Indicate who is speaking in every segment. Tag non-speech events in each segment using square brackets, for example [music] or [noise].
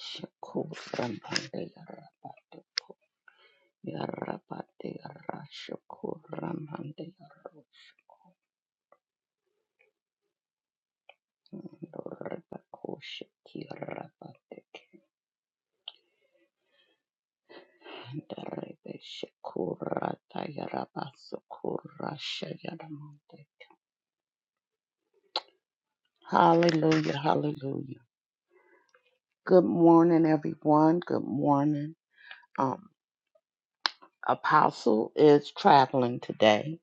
Speaker 1: Shakuram Hande Yarabate Yarabate Yarashakuram Hande Yaroshandorabako Shakirabate Kandarebe Shakurata Yarabasakurasha Yaramante. Hallelujah, hallelujah. Good morning, everyone. Good morning. Um, Apostle is traveling today.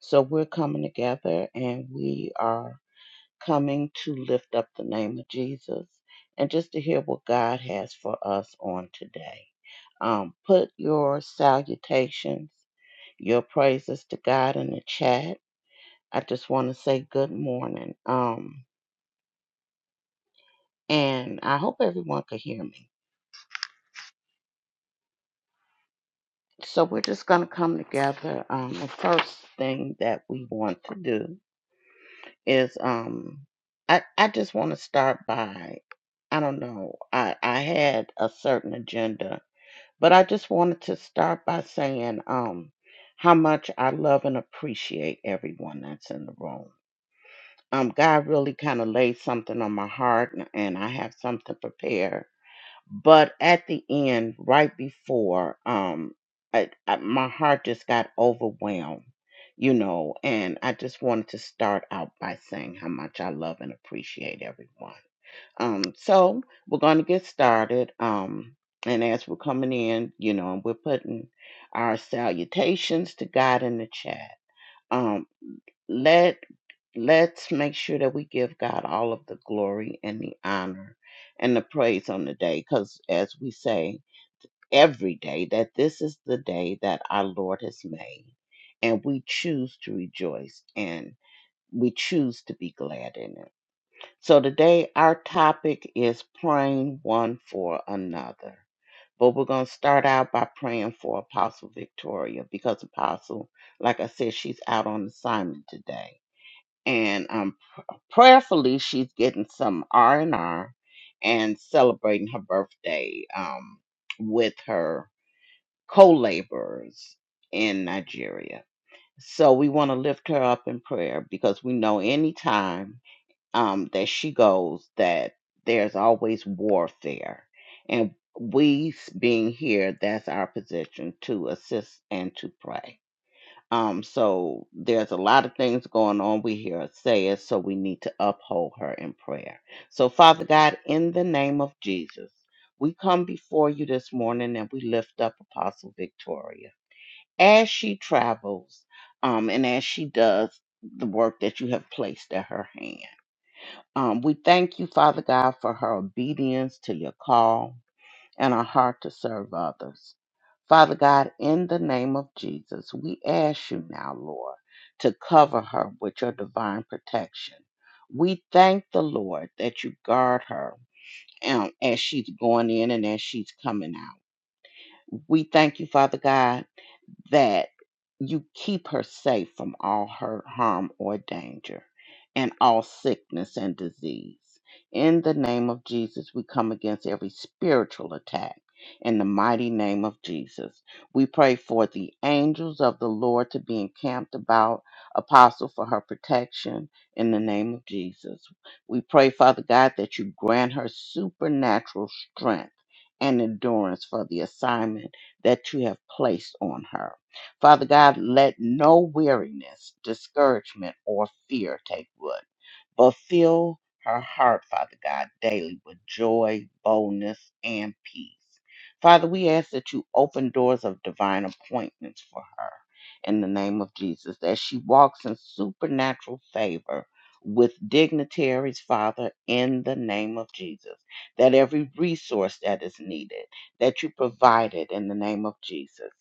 Speaker 1: So we're coming together and we are coming to lift up the name of Jesus and just to hear what God has for us on today. Um, put your salutations, your praises to God in the chat. I just want to say good morning. Um, and I hope everyone could hear me. So we're just going to come together. Um, the first thing that we want to do is um, I, I just want to start by I don't know. I, I had a certain agenda But I just wanted to start by saying um, how much I love and appreciate everyone that's in the room. Um, God really kind of laid something on my heart, and and I have something prepared. But at the end, right before, um, I, I, my heart just got overwhelmed, you know, and I just wanted to start out by saying how much I love and appreciate everyone. Um, so we're going to get started. Um, and as we're coming in, you know, we're putting our salutations to God in the chat. Um, let let's make sure that we give God all of the glory and the honor and the praise on the day, because as we say every day, that this is the day that our Lord has made, and we choose to rejoice and we choose to be glad in it. So today our topic is praying one for another. But we're going to start out by praying for Apostle Victoria because Apostle, like I said, she's out on assignment today. And um, prayerfully, she's getting some R and R and celebrating her birthday um, with her co-laborers in Nigeria. So we want to lift her up in prayer because we know anytime um, that she goes that there's always warfare. And we being here, that's our position to assist and to pray. Um, so there's a lot of things going on. We hear her say it, so we need to uphold her in prayer. So, Father God, in the name of Jesus, we come before you this morning and we lift up Apostle Victoria as she travels um, and as she does the work that you have placed at her hand. Um, we thank you, Father God, for her obedience to your call and her heart to serve others. Father God, in the name of Jesus, we ask you now, Lord, to cover her with your divine protection. We thank the Lord that you guard her um, as she's going in and as she's coming out. We thank you, Father God that you keep her safe from all hurt, harm, or danger, and all sickness and disease. In the name of Jesus, we come against every spiritual attack. In the mighty name of Jesus, we pray for the angels of the Lord to be encamped about Apostle for her protection. In the name of Jesus, we pray, Father God, that you grant her supernatural strength and endurance for the assignment that you have placed on her Father God, let no weariness, discouragement, or fear take root. Fulfill her heart, Father God, daily with joy, boldness, and peace. Father, we ask that you open doors of divine appointments for her in the name of Jesus, that she walks in supernatural favor with dignitaries, Father, in the name of Jesus, that every resource that is needed, that you provide it in the name of Jesus.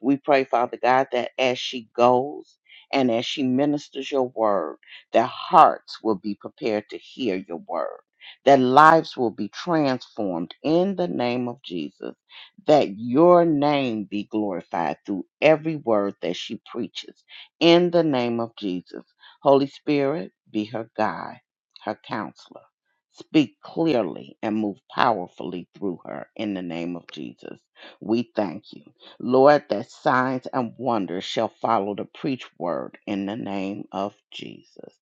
Speaker 1: We pray, Father God, that as she goes and as she ministers your word, their hearts will be prepared to hear your word. Their lives will be transformed in the name of Jesus. That your name be glorified through every word that she preaches in the name of Jesus. Holy Spirit, be her guide, her counselor. Speak clearly and move powerfully through her in the name of Jesus. We thank you. Lord, that signs and wonders shall follow the preached word in the name of Jesus.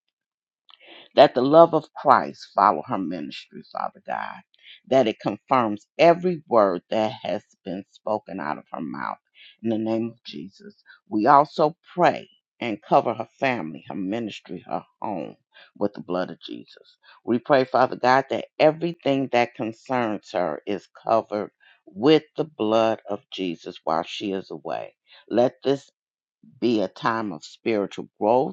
Speaker 1: That the love of Christ follow her ministry, Father God. That it confirms every word that has been spoken out of her mouth. In the name of Jesus, we also pray and cover her family, her ministry, her home with the blood of Jesus. We pray, Father God, that everything that concerns her is covered with the blood of Jesus while she is away. Let this be a time of spiritual growth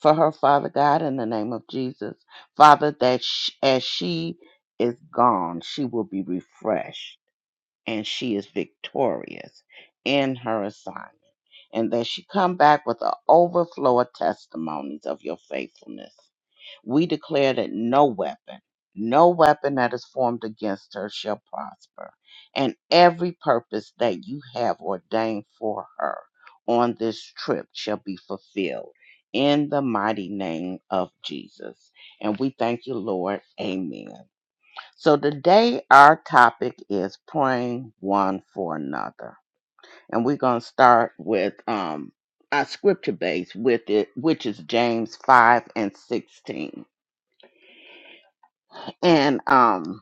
Speaker 1: for her, Father God, in the name of Jesus. Father, that sh- as she is gone, she will be refreshed and she is victorious in her assignment. And that she come back with an overflow of testimonies of your faithfulness. We declare that no weapon, no weapon that is formed against her shall prosper, and every purpose that you have ordained for her on this trip shall be fulfilled. In the mighty name of Jesus. And we thank you, Lord. Amen. So today our topic is praying one for another. And we're going to start with um our scripture base with it, which is James 5 and 16. And um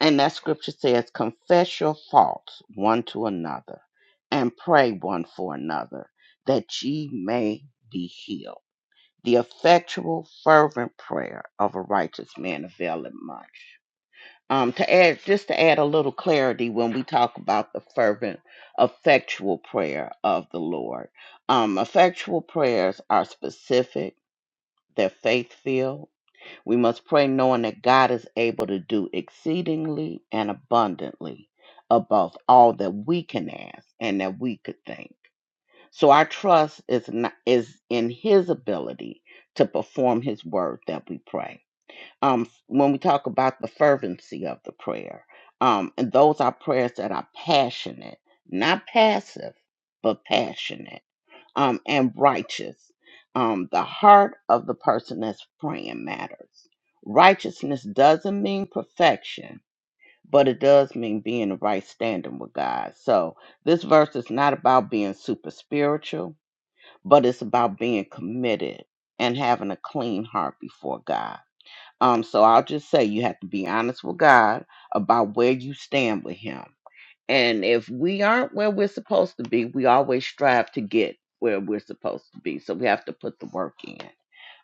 Speaker 1: and that scripture says, confess your faults one to another and pray one for another that ye may be healed. The effectual fervent prayer of a righteous man availeth much. Um, to add just to add a little clarity when we talk about the fervent effectual prayer of the Lord. Um, effectual prayers are specific, they're faith filled, we must pray knowing that God is able to do exceedingly and abundantly above all that we can ask and that we could think. So our trust is not, is in his ability to perform his word that we pray. Um when we talk about the fervency of the prayer, um and those are prayers that are passionate, not passive, but passionate um, and righteous. Um, the heart of the person that's praying matters. Righteousness doesn't mean perfection, but it does mean being in right standing with God. So this verse is not about being super spiritual, but it's about being committed and having a clean heart before God. Um, so I'll just say you have to be honest with God about where you stand with Him and if we aren't where we're supposed to be, we always strive to get where we're supposed to be. So we have to put the work in.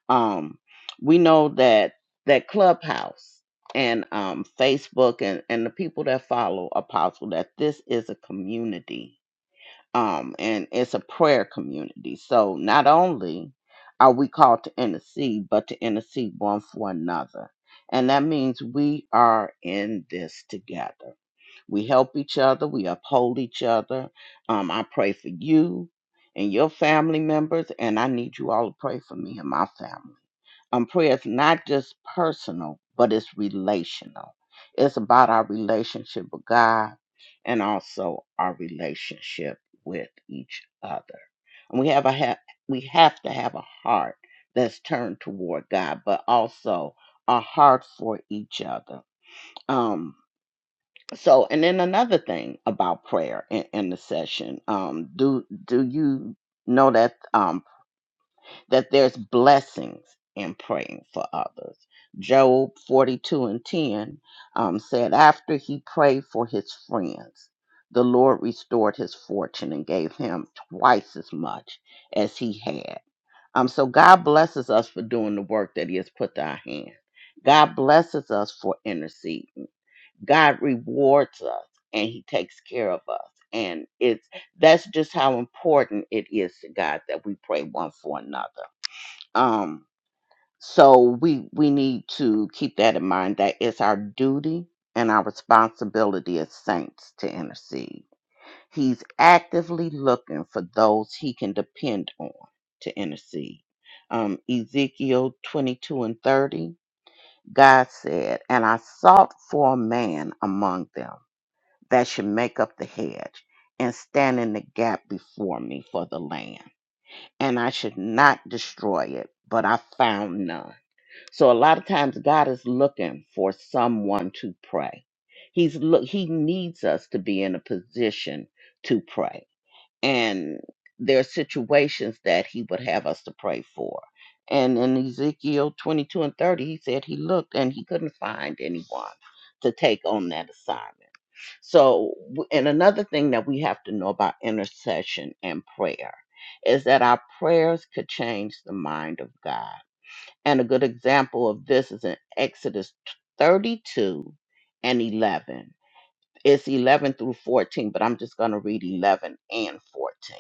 Speaker 1: Um, we know that that Clubhouse and um, Facebook and, and the people that follow Apostle that this is a community. Um, and it's a prayer community. So not only are we called to intercede, but to intercede one for another. And that means we are in this together. We help each other. We uphold each other. Um, I pray for you and your family members, and I need you all to pray for me and my family. Um, prayer is not just personal, but it's relational. It's about our relationship with God and also our relationship with each other. And we have a ha- we have to have a heart that's turned toward God, but also a heart for each other. Um, so, and then another thing about prayer and intercession, um, do do you know that um, that there's blessings in praying for others? Job forty two and ten um, said, after he prayed for his friends, the Lord restored his fortune and gave him twice as much as he had. Um, so God blesses us for doing the work that He has put to our hand. God blesses us for interceding. God rewards us and he takes care of us. And it's that's just how important it is to God that we pray one for another. Um so we we need to keep that in mind that it's our duty and our responsibility as saints to intercede. He's actively looking for those he can depend on to intercede. Um, Ezekiel 22 and 30, God said, And I sought for a man among them that should make up the hedge and stand in the gap before me for the land. And I should not destroy it, but I found none. So a lot of times God is looking for someone to pray. He's look he needs us to be in a position to pray and there are situations that he would have us to pray for. And in Ezekiel 22 and 30, he said he looked and he couldn't find anyone to take on that assignment. So, w- and another thing that we have to know about intercession and prayer is that our prayers could change the mind of God. And a good example of this is in Exodus 32 and 11 it's 11 through 14, but I'm just going to read 11 and 14.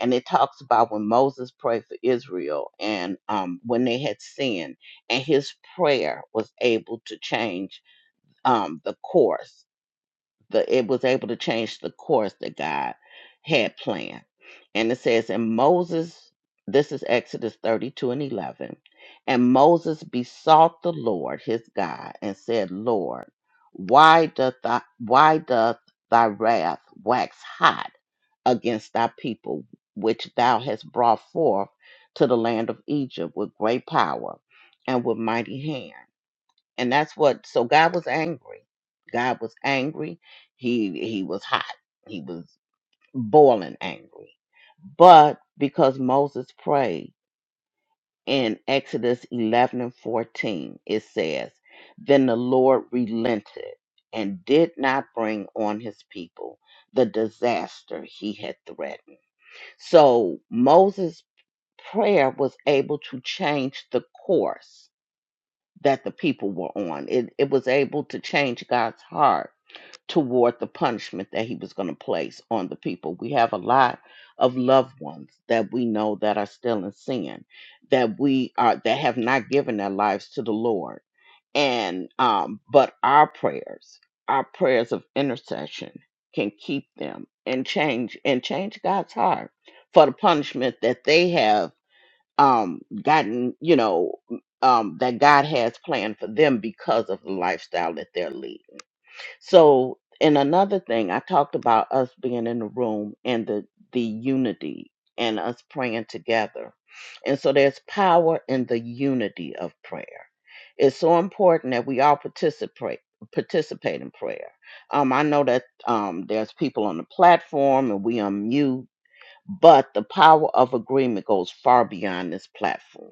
Speaker 1: And it talks about when Moses prayed for Israel and um, when they had sinned, and his prayer was able to change um, the course the it was able to change the course that God had planned. And it says, and Moses, this is Exodus 32 and 11, and Moses besought the Lord his God and said, Lord, why doth thy, why doth thy wrath wax hot against thy people, which thou hast brought forth to the land of Egypt with great power and with mighty hand? and that's what so god was angry god was angry he he was hot he was boiling angry but because moses prayed in exodus 11 and 14 it says then the lord relented and did not bring on his people the disaster he had threatened so moses prayer was able to change the course that the people were on. It, it was able to change God's heart toward the punishment that he was going to place on the people. We have a lot of loved ones that we know that are still in sin, that we are that have not given their lives to the Lord. And um but our prayers, our prayers of intercession can keep them and change and change God's heart for the punishment that they have um gotten you know um that god has planned for them because of the lifestyle that they're leading so and another thing i talked about us being in the room and the the unity and us praying together and so there's power in the unity of prayer it's so important that we all participate participate in prayer um i know that um there's people on the platform and we unmute but the power of agreement goes far beyond this platform.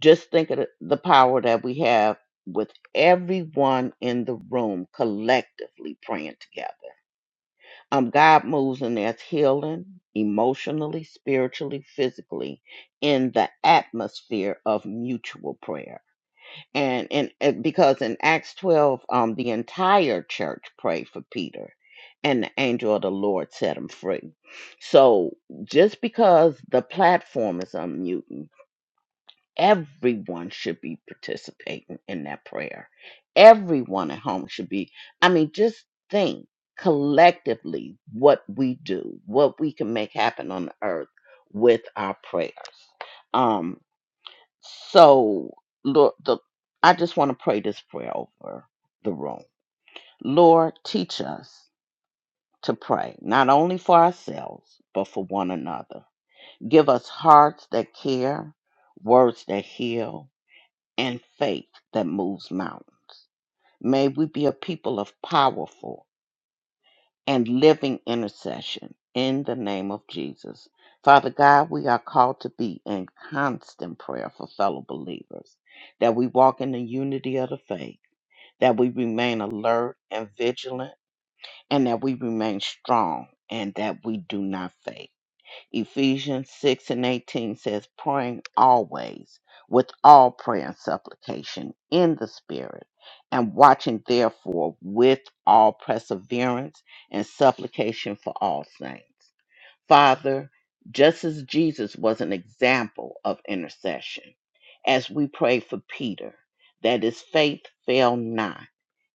Speaker 1: Just think of the the power that we have with everyone in the room collectively praying together. Um, God moves and there's healing emotionally, spiritually, physically in the atmosphere of mutual prayer and and uh, because in acts 12 um the entire church prayed for peter and the angel of the lord set him free so just because the platform is unmuting everyone should be participating in that prayer everyone at home should be i mean just think collectively what we do what we can make happen on earth with our prayers um. So, Lord, the, I just want to pray this prayer over the room. Lord, teach us to pray, not only for ourselves, but for one another. Give us hearts that care, words that heal, and faith that moves mountains. May we be a people of powerful and living intercession in the name of Jesus. Father God, we are called to be in constant prayer for fellow believers, that we walk in the unity of the faith that we remain alert and vigilant, and that we remain strong and that we do not faint. Ephesians 6 and 18 says, praying always with all prayer and supplication in the Spirit, and watching therefore with all perseverance and supplication for all saints. Father, just as Jesus was an example of intercession, as we pray for Peter, that his faith fail not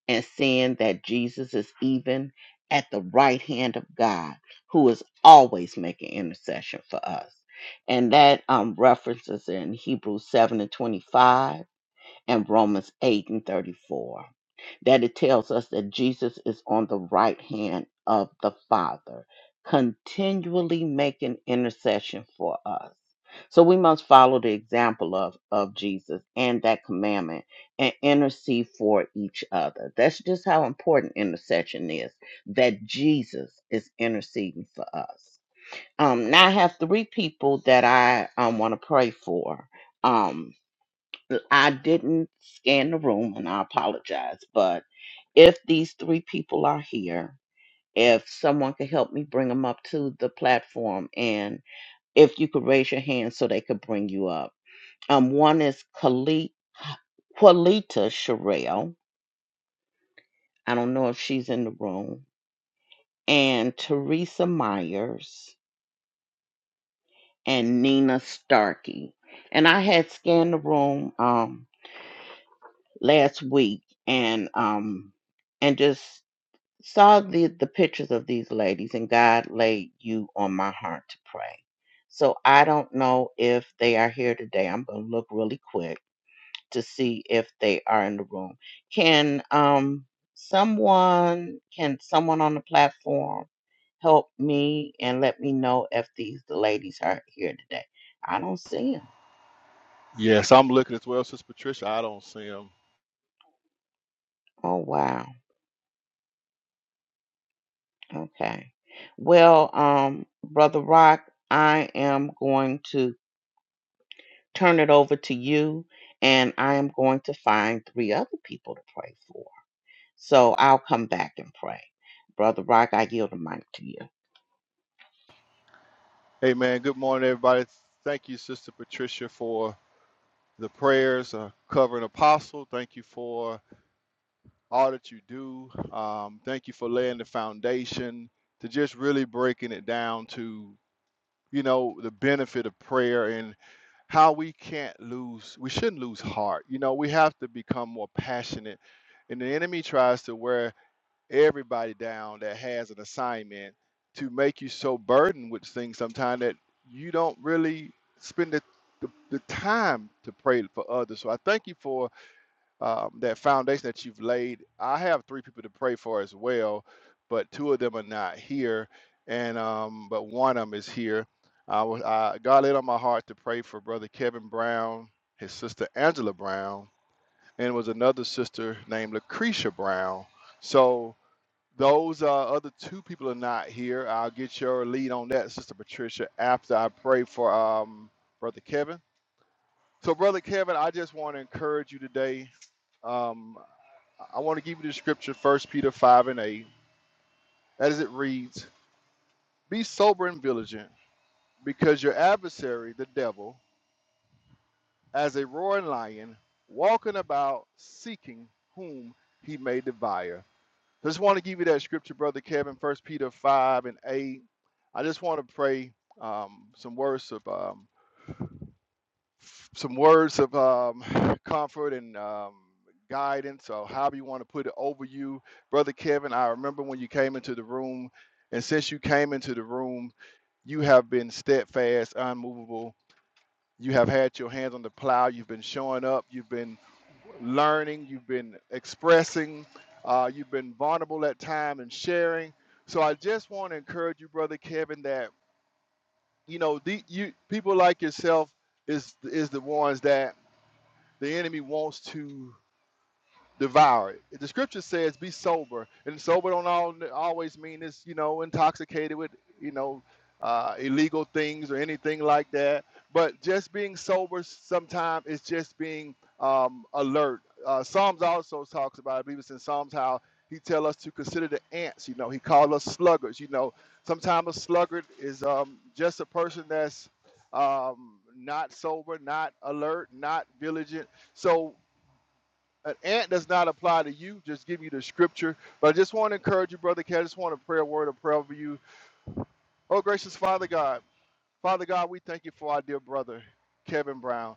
Speaker 1: and seeing that Jesus is even at the right hand of God, who is always making intercession for us. And that um, references in Hebrews 7 and 25 and Romans 8 and 34, that it tells us that Jesus is on the right hand of the Father, continually making intercession for us. So we must follow the example of, of Jesus and that commandment and intercede for each other. That's just how important intercession is, that Jesus is interceding for us. Um, now I have three people that I um, want to pray for. Um. I didn't scan the room and I apologize, but if these three people are here, if someone could help me bring them up to the platform and if you could raise your hand so they could bring you up. Um, one is Khalid, Juanita Sherrill. I don't know if she's in the room. And Teresa Myers and Nina Starkey. And I had scanned the room um last week and um and just saw the, the pictures of these ladies and God laid you on my heart to pray. So I don't know if they are here today. I'm going to look really quick to see if they are in the room. Can um someone can someone on the platform help me and let me know if these the ladies are here today? I don't see them.
Speaker 2: Yes, I'm looking as well, Sister Patricia. I don't see him.
Speaker 1: Oh wow. Okay. Well, um brother Rock, I am going to turn it over to you, and I am going to find three other people to pray for. So I'll come back and pray. Brother Rock, I yield the mic to you.
Speaker 2: Hey, man, good morning, everybody. Thank you, Sister Patricia, for the prayers uh, covering Apostle. Thank you for all that you do. Um, thank you for laying the foundation to just really breaking it down to, you know, the benefit of prayer and how we can't lose, we shouldn't lose heart. You know, we have to become more passionate. And the enemy tries to wear everybody down that has an assignment to make you so burdened with things sometimes that you don't really spend the, the, the time to pray for others. So I thank you for um, that foundation that you've laid. I have three people to pray for as well, but two of them are not here, and um, but one of them is here. I was I, God laid on my heart to pray for Brother Kevin Brown, his sister Angela Brown, and it was another sister named Lucretia Brown. So those uh, other two people are not here. I'll get your lead on that, Sister Patricia, after I pray for um, Brother Kevin. So, Brother Kevin, I just want to encourage you today. Um, I want to give you the scripture, First Peter 5 and 8, as it reads Be sober and vigilant, because your adversary, the devil, as a roaring lion, walking about seeking whom he may devour. I just want to give you that scripture, Brother Kevin, First Peter 5 and 8. I just want to pray um, some words of um, some words of um, comfort and um, guidance, or however you want to put it, over you, Brother Kevin. I remember when you came into the room, and since you came into the room, you have been steadfast, unmovable. You have had your hands on the plow. You've been showing up. You've been learning, you've been expressing, uh, you've been vulnerable at time and sharing. So I just want to encourage you, brother Kevin, that you know the you people like yourself is is the ones that the enemy wants to devour it. The scripture says, "Be sober," and sober don't all, always mean it's you know intoxicated with you know uh, illegal things or anything like that. But just being sober sometimes is just being um, alert. Uh, Psalms also talks about, I believe it's in Psalms how he tell us to consider the ants. You know, he called us sluggards. You know, sometimes a sluggard is um, just a person that's um, not sober, not alert, not vigilant. So an ant does not apply to you. Just give you the scripture. But I just want to encourage you, brother Cat. I just want to pray a word of prayer over you. Oh, gracious Father God. Father God, we thank you for our dear brother, Kevin Brown.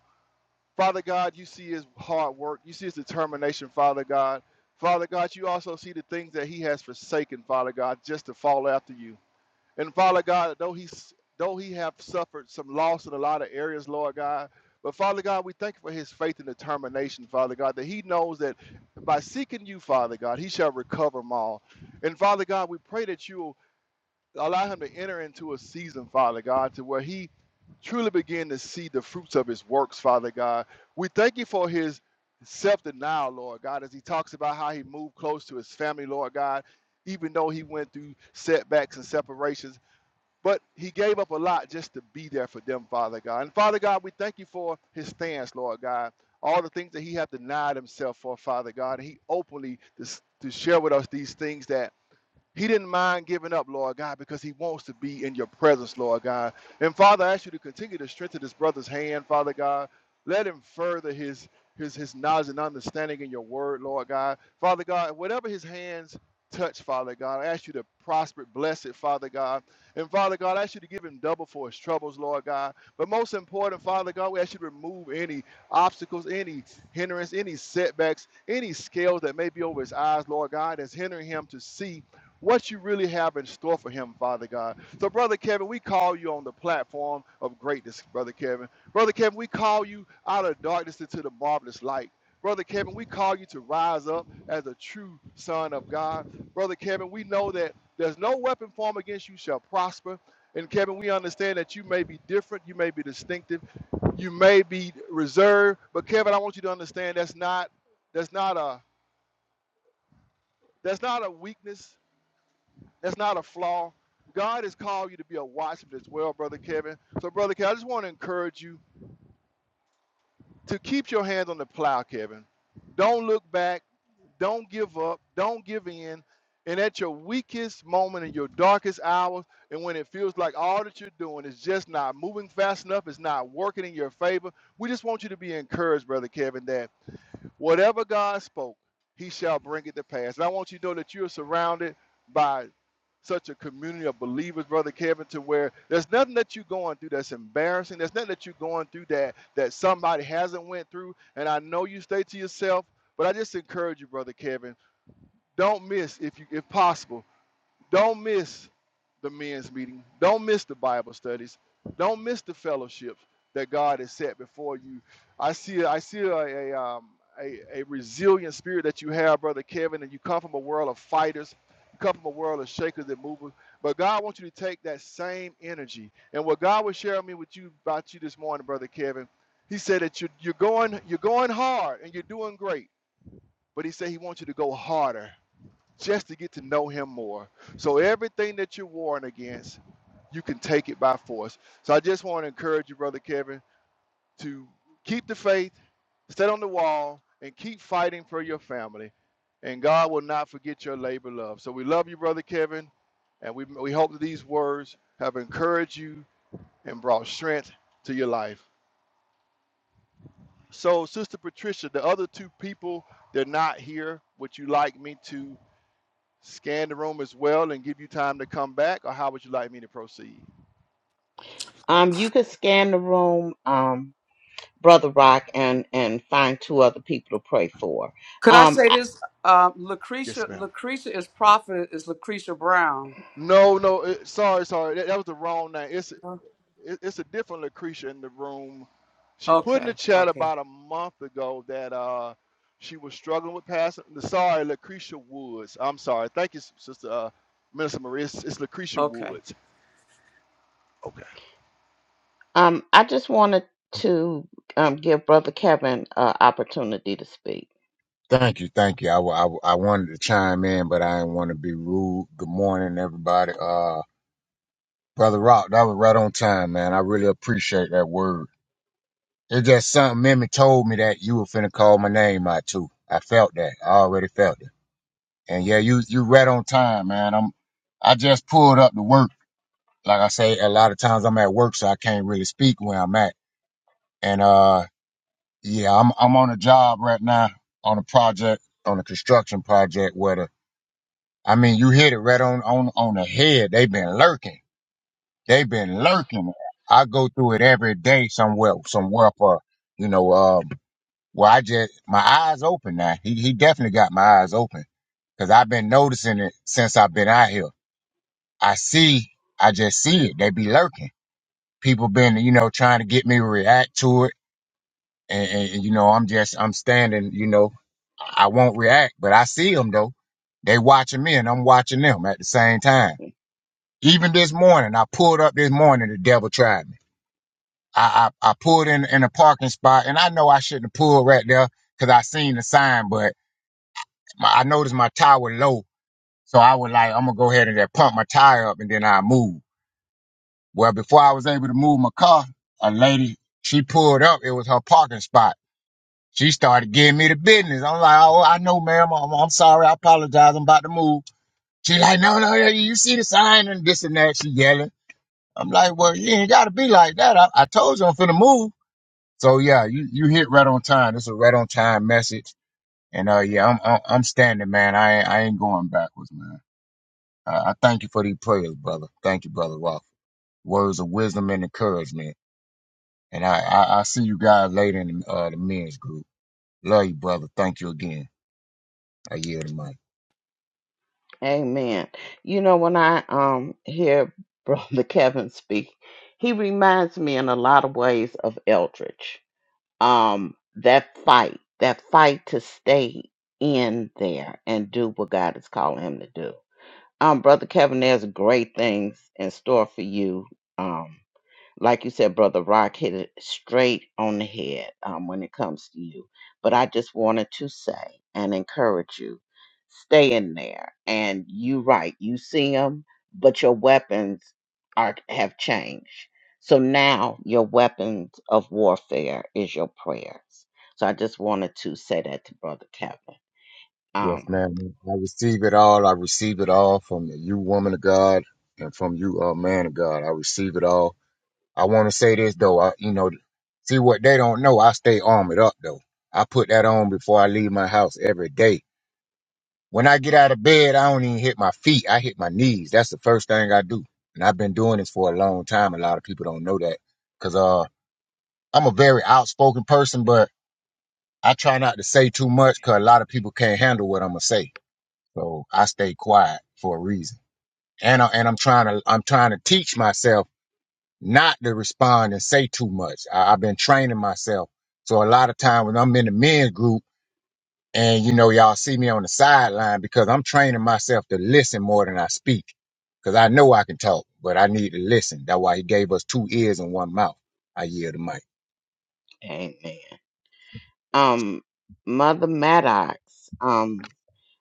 Speaker 2: Father God, you see his hard work. You see his determination, Father God. Father God, you also see the things that he has forsaken, Father God, just to follow after you. And Father God, though he though he have suffered some loss in a lot of areas, Lord God, but Father God, we thank you for his faith and determination, Father God, that he knows that by seeking you, Father God, he shall recover them all. And Father God, we pray that you will allow him to enter into a season, Father God, to where he truly begin to see the fruits of his works, Father God. We thank you for his self-denial, Lord God, as he talks about how he moved close to his family, Lord God, even though he went through setbacks and separations but he gave up a lot just to be there for them, Father God. And Father God, we thank you for his stance, Lord God. All the things that he had denied himself for, Father God. And he openly dis- to share with us these things that he didn't mind giving up, Lord God, because he wants to be in your presence, Lord God. And Father, I ask you to continue to strengthen this brother's hand, Father God. Let him further his his his knowledge and understanding in your word, Lord God. Father God, whatever his hands touch, Father God, I ask you to prosper, it, bless it, Father God. And Father God, I ask you to give him double for his troubles, Lord God. But most important, Father God, we ask you to remove any obstacles, any hindrance, any setbacks, any scales that may be over his eyes, Lord God, that's hindering him to see what you really have in store for him, Father God. So, Brother Kevin, we call you on the platform of greatness, Brother Kevin. Brother Kevin, we call you out of darkness into the marvelous light. Brother Kevin, we call you to rise up as a true son of God. Brother Kevin, we know that there's no weapon formed against you shall prosper. And Kevin, we understand that you may be different, you may be distinctive, you may be reserved, but Kevin, I want you to understand that's not that's not a that's not a weakness that's not a flaw. God has called you to be a watchman as well, Brother Kevin. So, Brother Kevin, I just want to encourage you to keep your hands on the plow, Kevin. Don't look back. Don't give up. Don't give in. And at your weakest moment, in your darkest hours, and when it feels like all that you're doing is just not moving fast enough, it's not working in your favor, we just want you to be encouraged, Brother Kevin, that Whatever God spoke, he shall bring it to pass. And I want you to know that you're surrounded by such a community of believers, Brother Kevin, to where there's nothing that you're going through that's embarrassing. There's nothing that you're going through that that somebody hasn't went through. And I know you stay to yourself, but I just encourage you, Brother Kevin, don't miss if you if possible. Don't miss the men's meeting. Don't miss the Bible studies. Don't miss the fellowships that God has set before you. I see I see a, a um a, a resilient spirit that you have, brother Kevin, and you come from a world of fighters, you come from a world of shakers and movers. But God wants you to take that same energy. And what God was sharing me with you about you this morning, brother Kevin, He said that you're, you're going you're going hard and you're doing great. But He said He wants you to go harder just to get to know him more. So everything that you're warring against, you can take it by force. So I just want to encourage you, Brother Kevin, to keep the faith, stay on the wall, and keep fighting for your family. And God will not forget your labor of love. So we love you, Brother Kevin, and we, we hope that these words have encouraged you and brought strength to your life. So, Sister Patricia, the other two people, they're not here. Would you like me to? scan the room as well and give you time to come back, or how would you like me to proceed?
Speaker 1: Um, you could scan the room, um, Brother Rock, and and find two other people to pray for.
Speaker 3: Could I
Speaker 1: Um,
Speaker 3: say this? Um, Lucretia,
Speaker 2: Yes, ma'am.
Speaker 3: Lucretia is prophet is Lucretia Brown.
Speaker 2: No, no, it, sorry, sorry. That, that was the wrong name. It's it, it's a different Lucretia in the room. She put in the
Speaker 3: Okay,
Speaker 2: chat
Speaker 3: okay,
Speaker 2: about a month ago that uh she was struggling with passing. Sorry, Lucretia Woods. I'm sorry. Thank you, Sister uh, Minister Maria. It's, it's Lucretia
Speaker 3: okay.
Speaker 2: Woods. Okay.
Speaker 1: Um, I just wanted to um, give Brother Kevin an opportunity to speak.
Speaker 4: Thank you, thank you. I, wa- I, wa- I wanted to chime in, but I didn't want to be rude. Good morning, everybody. Uh, brother Rock, that was right on time, man. I really appreciate that word. It just something Mimi told me that you were finna call my name out too. I felt that. I already felt it. And yeah, you you right on time, man. I'm I just pulled up to work. Like I say, a lot of times I'm at work, so I can't really speak where I'm at. And uh, yeah, I'm I'm on a job right now on a project on a construction project where the I mean, you hit it right on on on the head. They've been lurking. They've been lurking. I go through it every day somewhere somewhere for you know um where I just my eyes open now. He he definitely got my eyes open because I've been noticing it since I've been out here. I see. I just see it. They be lurking. People been you know trying to get me to react to it, and, and and, you know I'm just I'm standing. You know I won't react, but I see them though. They watching me and I'm watching them at the same time. Even this morning, I pulled up this morning, the devil tried me. I, I, I pulled in, in a parking spot and I know I shouldn't have pulled right there because I seen the sign, but my, I noticed my tire was low. So I was like, I'm going to go ahead and just pump my tire up and then I move. Well, before I was able to move my car, a lady, she pulled up. It was her parking spot. She started giving me the business. I'm like, oh, I know, ma'am. I'm, I'm sorry. I apologize. I'm about to move. She like, no, no, no. You see the sign and this and that. She yelling. I'm like, well, you ain't got to be like that. I, I told you I'm finna move. So yeah, you, you hit right on time. It's a right on time message. And uh, yeah, I'm, I'm I'm standing, man. I ain't, I ain't going backwards, man. I, I thank you for these prayers, brother. Thank you, brother Ralph. Words of wisdom and encouragement. And I, I, I see you guys later in the, uh, the men's group. Love you, brother. Thank you again. I yield the mic.
Speaker 1: Amen. You know, when I um hear [laughs] Brother Kevin speak, he reminds me in a lot of ways of Eldridge. Um, that fight, that fight to stay in there and do what God is calling him to do. Um, Brother Kevin, there's great things in store for you. Um, like you said, Brother Rock hit it straight on the head um, when it comes to you. But I just wanted to say and encourage you stay in there. And you right, you see them, but your weapons are have changed. So now your weapons of warfare is your prayers. So I just wanted to say that to Brother Kevin.
Speaker 4: Yes,
Speaker 1: Um,
Speaker 4: man. I receive it all. I receive it all from you, woman of God, and from you, uh, man of God. I receive it all. I want to say this though. I, you know, see what they don't know. I stay armored up though. I put that on before I leave my house every day. When I get out of bed, I don't even hit my feet. I hit my knees. That's the first thing I do. And I've been doing this for a long time. A lot of people don't know that because uh, I'm a very outspoken person, but I try not to say too much because a lot of people can't handle what I'm gonna say. So I stay quiet for a reason. And I, and I'm trying to I'm trying to teach myself not to respond and say too much. I, I've been training myself. So a lot of time when I'm in the men's group and you know, y'all see me on the sideline because I'm training myself to listen more than I speak. Cause I know I can talk, but I need to listen. That's why he gave us two ears and one mouth. I yield the mic.
Speaker 1: amen. Um, Mother Maddox, um,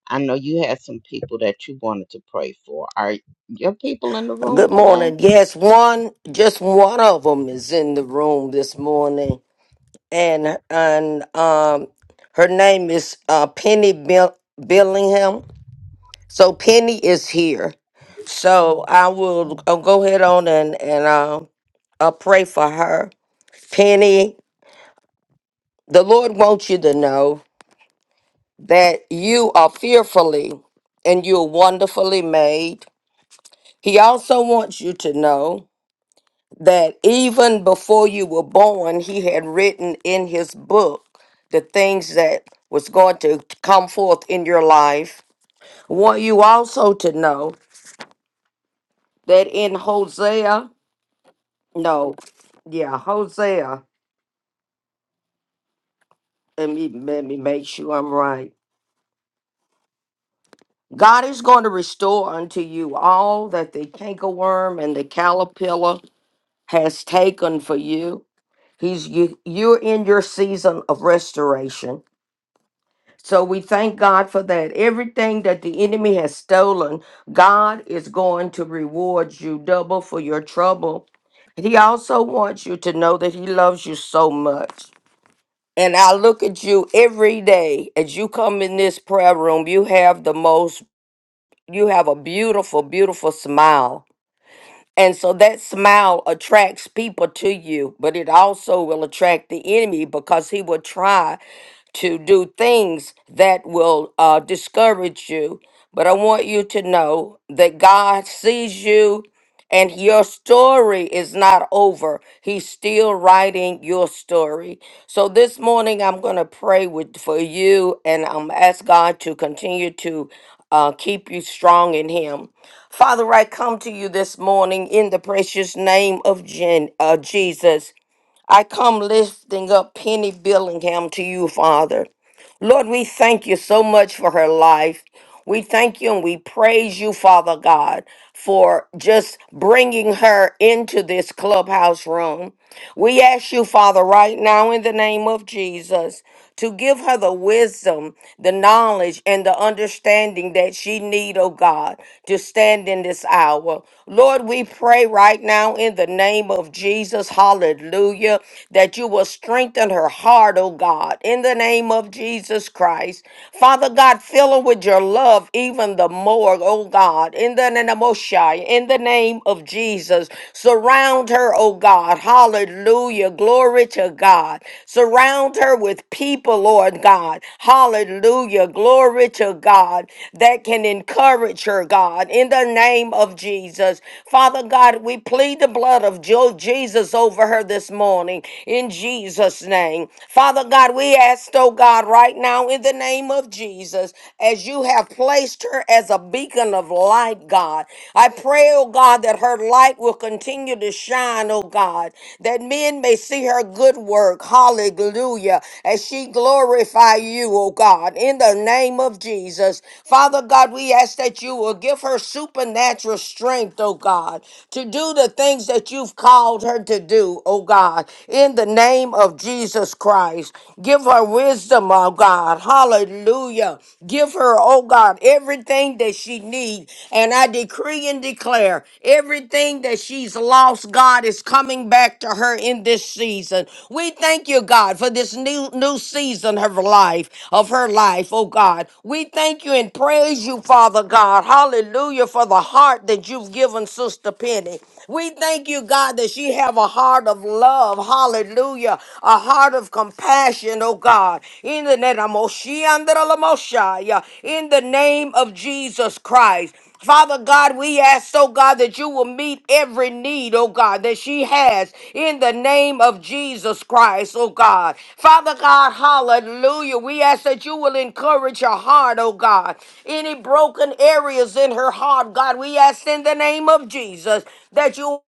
Speaker 1: I know you had some people that you wanted to pray for. Are your people in the room
Speaker 5: Good
Speaker 1: today?
Speaker 5: morning. Yes, one, just one of them is in the room this morning, and and um, her name is uh, Penny Bill- Billingham. So Penny is here. So I will I'll go ahead on and and uh, I'll pray for her. Penny, the Lord wants you to know that you are fearfully and you're wonderfully made. He also wants you to know that even before you were born, he had written in his book the things that was going to come forth in your life. want you also to know that in Hosea, no, yeah, Hosea, let me, let me make sure I'm right. God is going to restore unto you all that the cankerworm and the caterpillar has taken for you. He's you, you're in your season of restoration So we thank God for that. Everything that the enemy has stolen, God is going to reward you double for your trouble. He also wants you to know that He loves you so much. And I look at you every day as you come in this prayer room, you have the most, you have a beautiful, beautiful smile. And so that smile attracts people to you, but it also will attract the enemy because he will try to do things that will uh, discourage you. But I want you to know that God sees you and your story is not over. He's still writing your story. So this morning, I'm going to pray with, for you and I'm ask God to continue to uh, keep you strong in Him. Father, I come to you this morning in the precious name of Jen, uh, Jesus. I come lifting up Penny Billingham to you, Father. Lord, we thank you so much for her life. We thank you and we praise you, Father God, for just bringing her into this clubhouse room. We ask you, Father, right now in the name of Jesus to give her the wisdom, the knowledge, and the understanding that she need, oh God, to stand in this hour. Lord, we pray right now in the name of Jesus, hallelujah, that you will strengthen her heart, oh God, in the name of Jesus Christ. Father God, fill her with your love even the more, oh God, in the name of Shai, in the name of Jesus. Surround her, oh God, Hallelujah. Glory to God. Surround her with people, Lord God. Hallelujah. Glory to God that can encourage her, God, in the name of Jesus. Father God, we plead the blood of Jo- Jesus over her this morning in Jesus' name. Father God, we ask, oh God, right now in the name of Jesus, as you have placed her as a beacon of light, God. I pray, oh God, that her light will continue to shine, oh God, that men may see her good work. Hallelujah. As she glorify you, oh God, in the name of Jesus. Father God, we ask that you will give her supernatural strength, oh God, to do the things that you've called her to do, oh God, in the name of Jesus Christ. Give her wisdom, oh God. Hallelujah her. Give her, oh God, everything that she needs. And I decree and declare everything that she's lost, God, is coming back to her in this season. We thank you, God, for this new new season of her life, of her life, oh God. We thank you and praise you, Father God. Hallelujah for the heart that you've given Sister Penny. We thank you, God, that she have a heart of love. Hallelujah. A heart of compassion, oh God. In the name of Moshiach, in the name of Jesus Christ. Father God, we ask, oh God, that you will meet every every need, oh God, that she has in the name of Jesus Christ, oh God. Father God, hallelujah. We ask that you will encourage her heart, oh God. Any broken areas in her heart, God, we ask in the name of Jesus that you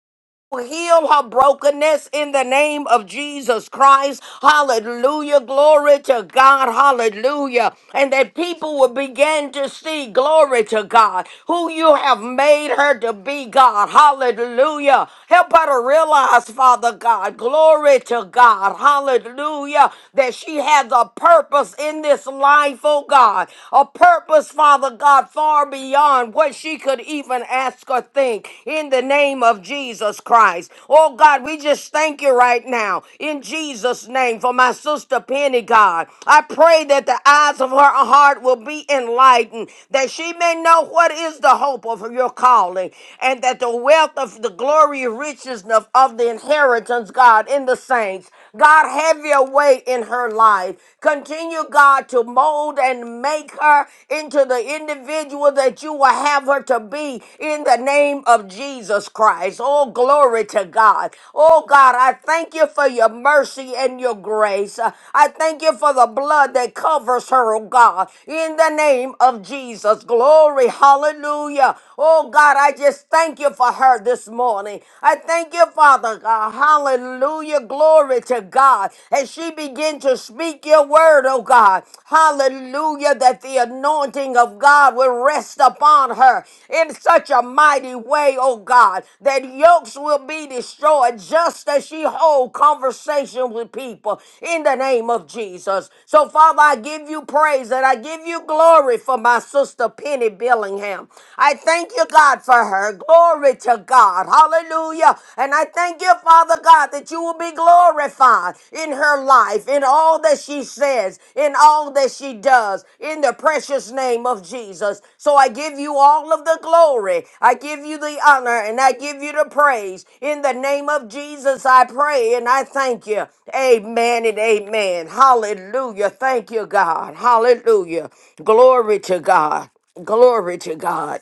Speaker 5: heal her brokenness in the name of Jesus Christ. Hallelujah. Glory to God. Hallelujah. And that people will begin to see, glory to God, who you have made her to be, God. Hallelujah. Help her to realize, Father God, glory to God. Hallelujah. That she has a purpose in this life, oh God. A purpose, Father God, far beyond what she she could even ask or think in the name of Jesus Christ. Oh God, we just thank you right now in Jesus' name for my sister Penny, God. I pray that the eyes of her heart will be enlightened, that she may know what is the hope of your calling, and that the wealth of the glory riches of, of the inheritance, God, in the saints. God, have your way in her life. Continue, God, to mold mold and make her into the individual that you will have her to be in the name of Jesus Christ. Oh, glory to God. Oh, God, I thank you for your mercy and your grace. Uh, I thank you for the blood that covers her, oh God, in the name of Jesus. Glory, hallelujah. Oh, God, I just thank you for her this morning. I thank you, Father God. Hallelujah. Glory to God God, as she begin to speak your word, oh God. Hallelujah, that the anointing of God will rest upon her in such a mighty way, oh God, that yokes will be destroyed just as she hold conversation with people in the name of Jesus. So, Father, I give you praise and I give you glory for my sister Penny Billingham. I thank you, God, for her. Glory to God. Hallelujah. Hallelujah. And I thank you, Father God, that you will be glorified in her life, in all that she says, in all that she does, in the precious name of Jesus. So I give you all of the glory. I give you the honor and I give you the praise. In the name of Jesus, I pray and I thank you. Amen and amen. Hallelujah. Thank you, God. Hallelujah. Glory to God. Glory to God.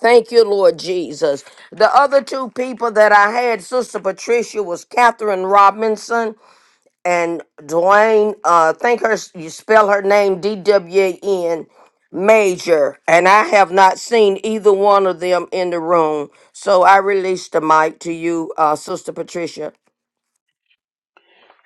Speaker 5: Thank you, Lord Jesus. The other two people that I had, Sister Patricia, was Catherine Robinson and Dwayne. Uh, think her you spell her name D W A N Major, and I have not seen either one of them in the room. So I release the mic to you, uh, Sister Patricia.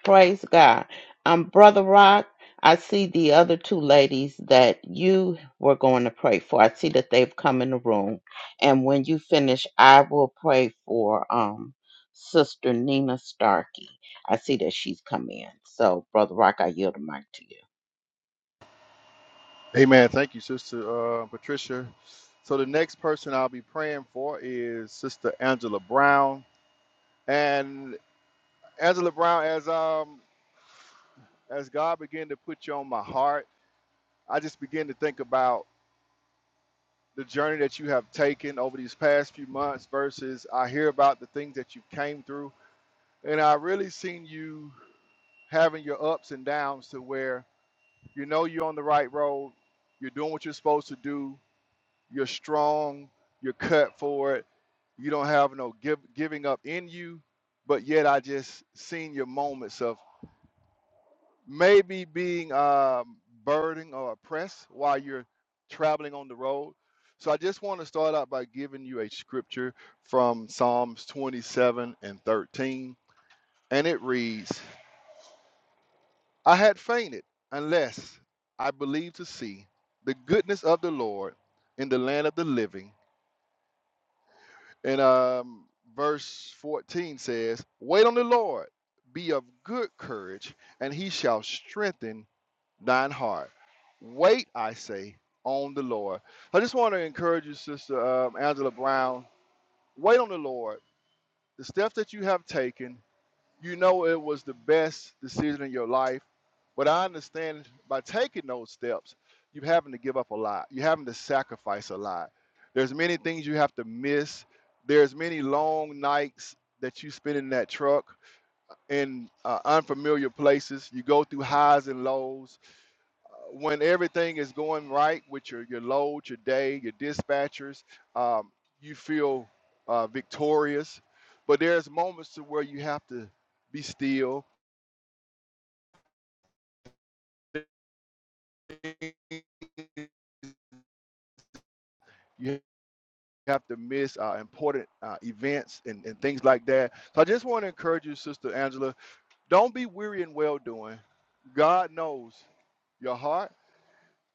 Speaker 1: Praise God. Um, Brother Rock, I see the other two ladies that you were going to pray for. I see that they've come in the room. And when you finish, I will pray for um Sister Nina Starkey. I see that she's come in. So, Brother Rock, I yield the mic to you.
Speaker 2: Amen. Thank you, Sister uh, Patricia. So the next person I'll be praying for is Sister Angela Brown. And Angela Brown, as um as God began to put you on my heart, I just began to think about the journey that you have taken over these past few months versus I hear about the things that you came through. And I really seen you having your ups and downs to where you know you're on the right road, you're doing what you're supposed to do, you're strong, you're cut for it, you don't have no give, giving up in you, but yet I just seen your moments of maybe being um, burdened or oppressed while you're traveling on the road. So I just want to start out by giving you a scripture from Psalms 27 and 13. And it reads I had fainted unless I believed to see the goodness of the Lord in the land of the living. And um, verse 14 says, Wait on the Lord, be of good courage, and he shall strengthen thine heart. Wait, I say, on the Lord. I just want to encourage you, Sister um, Angela Brown. Wait on the Lord. The steps that you have taken, you know it was the best decision in your life. But I understand by taking those steps, you're having to give up a lot. You're having to sacrifice a lot. There's many things you have to miss. There's many long nights that you spend in that truck in uh, unfamiliar places. You go through highs and lows when everything is going right with your your load, your day, your dispatchers, um, you feel uh, victorious. But there's moments to where you have to be still. You have to miss uh, important uh, events and, and things like that. So I just want to encourage you, Sister Angela, don't be weary in well doing. God knows your heart.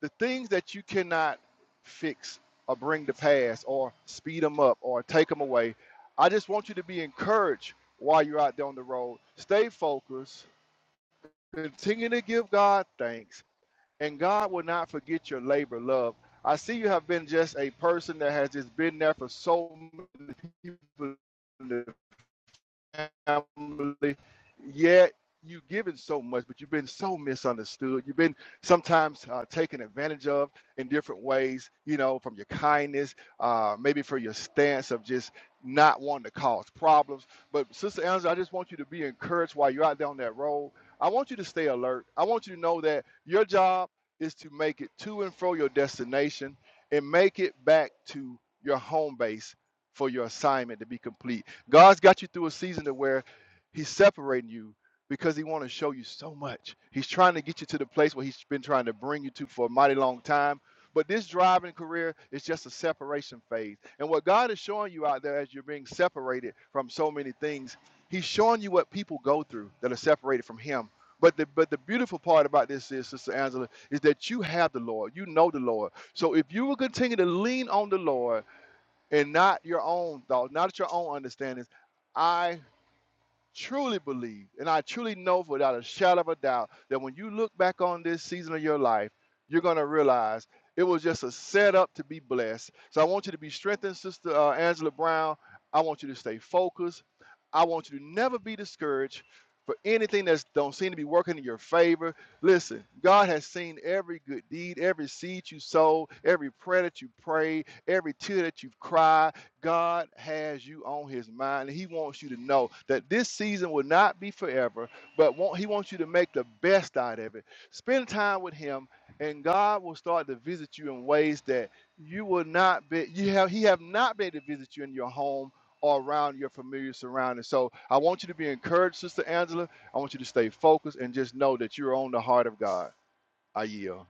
Speaker 2: the things that you cannot fix or bring to pass or speed them up or take them away. I just want you to be encouraged while you're out there on the road. Stay focused, continue to give God thanks, and God will not forget your labor of love. I see you have been just a person that has just been there for so many people in family. Yet you've given so much, but you've been so misunderstood. You've been sometimes uh, taken advantage of in different ways, you know, from your kindness, uh, maybe for your stance of just not wanting to cause problems. But, Sister Angela, I just want you to be encouraged while you're out there on that road. I want you to stay alert. I want you to know that your job is to make it to and fro your destination and make it back to your home base for your assignment to be complete God's got you through a season to where He's separating you because He wants to show you so much. He's trying to get you to the place where He's been trying to bring you to for a mighty long time. But this driving career is just a separation phase. And what God is showing you out there as you're being separated from so many things, He's showing you what people go through that are separated from Him. But the but the beautiful part about this is, Sister Angela, is that you have the Lord. You know the Lord. So if you will continue to lean on the Lord and not your own thoughts, not your own understandings. I truly believe, and I truly know without a shadow of a doubt, that when you look back on this season of your life, you're going to realize it was just a setup to be blessed. So I want you to be strengthened, Sister uh, Angela Brown. I want you to stay focused. I want you to never be discouraged for anything that don't seem to be working in your favor. Listen, God has seen every good deed, every seed you sowed, every prayer that you prayed, every tear that you've cried God has you on his mind. and He wants you to know that this season will not be forever, but want, he wants you to make the best out of it. Spend time with him, and God will start to visit you in ways that you will not be, you have, he have not been able to visit you in your home or around your familiar surroundings. So I want you to be encouraged, Sister Angela. I want you to stay focused and just know that you're on the heart of God. I yield.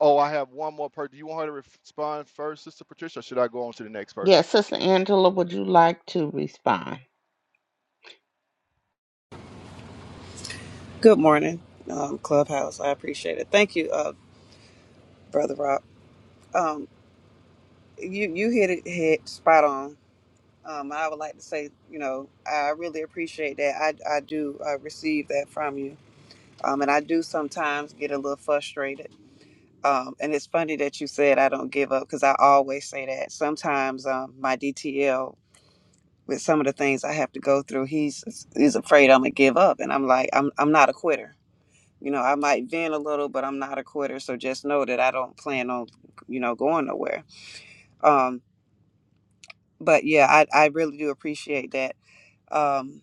Speaker 2: Oh, I have one more person. Do you want her to re- respond first, Sister Patricia, or should I go on to the next person?
Speaker 1: Yes, Sister Angela, would you like to respond?
Speaker 6: Good morning, um, Clubhouse. I appreciate it. Thank you, uh, Brother Rob. Um, you you hit it hit spot on. Um, I would like to say, you know, I really appreciate that. I I do uh, receive that from you. Um, and I do sometimes get a little frustrated. Um, and it's funny that you said I don't give up because I always say that. Sometimes um, my DTL with some of the things I have to go through, he's he's afraid I'm gonna give up, and I'm like, I'm I'm not a quitter. You know, I might vent a little, but I'm not a quitter. So just know that I don't plan on, you know, going nowhere. Um, but yeah, I, I really do appreciate that. Um,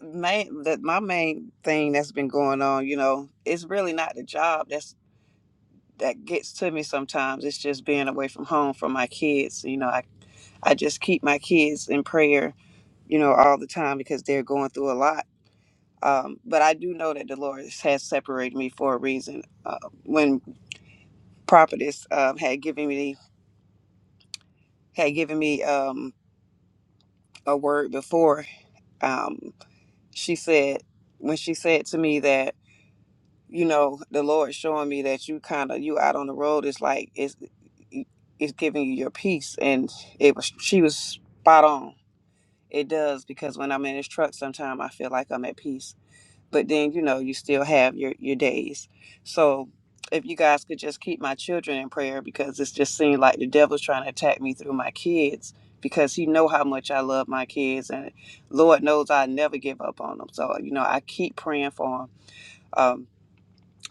Speaker 6: main that my main thing that's been going on, you know, it's really not the job that's that gets to me sometimes. It's just being away from home from my kids. You know, I I just keep my kids in prayer, you know, all the time because they're going through a lot. Um, but I do know that the Lord has separated me for a reason. Uh, when prophetess um, had given me had given me um, a word before. Um, she said when she said to me that you know the Lord showing me that you kind of you out on the road is like it's it's giving you your peace, and it was she was spot on. It does because when I'm in this truck, sometimes I feel like I'm at peace but then you know you still have your your days so if you guys could just keep my children in prayer because it's just seemed like the devil's trying to attack me through my kids because he know how much I love my kids and Lord knows I never give up on them so you know I keep praying for them um,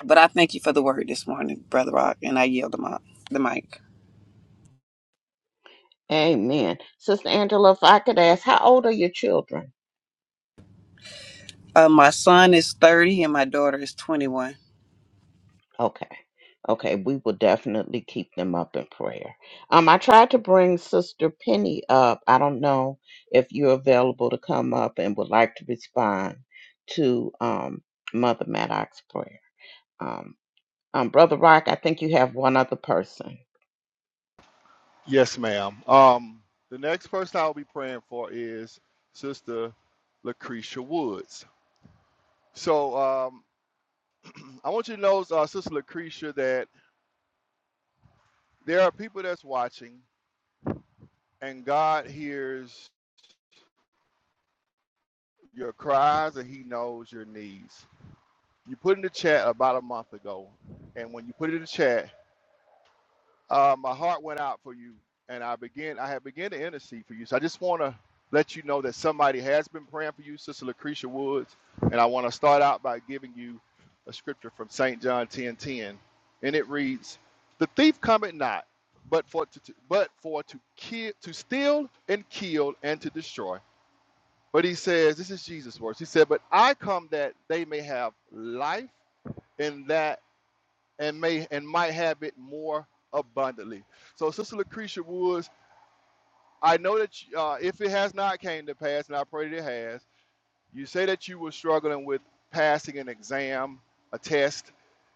Speaker 6: but I thank you for the word this morning brother rock and I yield the mic the mic
Speaker 1: Amen. Sister Angela, if I could ask, how old are your children?
Speaker 6: uh, my son is 30 and my daughter is 21
Speaker 1: Okay. Okay, we will definitely keep them up in prayer. Um, I tried to bring Sister Penny up. I don't know if you're available to come up and would like to respond to um Mother Maddox's prayer. Um, um, Brother Rock, I think you have one other person.
Speaker 2: Yes, ma'am. Um, the next person I'll be praying for is Sister Lucretia Woods. So um, I want you to know, uh, Sister Lucretia, that there are people that's watching, and God hears your cries and He knows your needs. You put in the chat about a month ago, and when you put it in the chat, Uh, my heart went out for you, and I begin. I have began to intercede for you. So I just want to let you know that somebody has been praying for you, Sister Lucretia Woods, and I want to start out by giving you a scripture from Saint John ten ten, and it reads, "The thief cometh not, but for to, to- but for to kill, to steal and kill and to destroy." But he says, "This is Jesus' words." He said, "But I come that they may have life, and that." and may and might have it more abundantly. So, Sister Lucretia Woods, I know that uh, if it has not came to pass, and I pray that it has, you say that you were struggling with passing an exam, a test,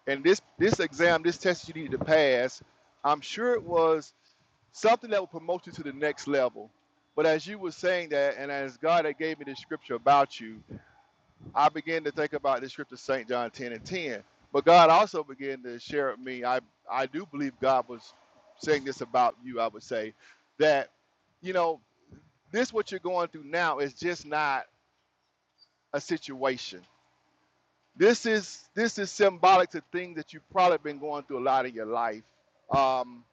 Speaker 2: and this this exam, this test you needed to pass. I'm sure it was something that will promote you to the next level. But as you were saying that, and as God had gave me the scripture about you, I began to think about this scripture, St. John 10 and 10. But God also began to share with me, I, I do believe God was saying this about you, I would say, that, you know, this what you're going through now is just not a situation. This is this is symbolic to things that you've probably been going through a lot in your life. Um,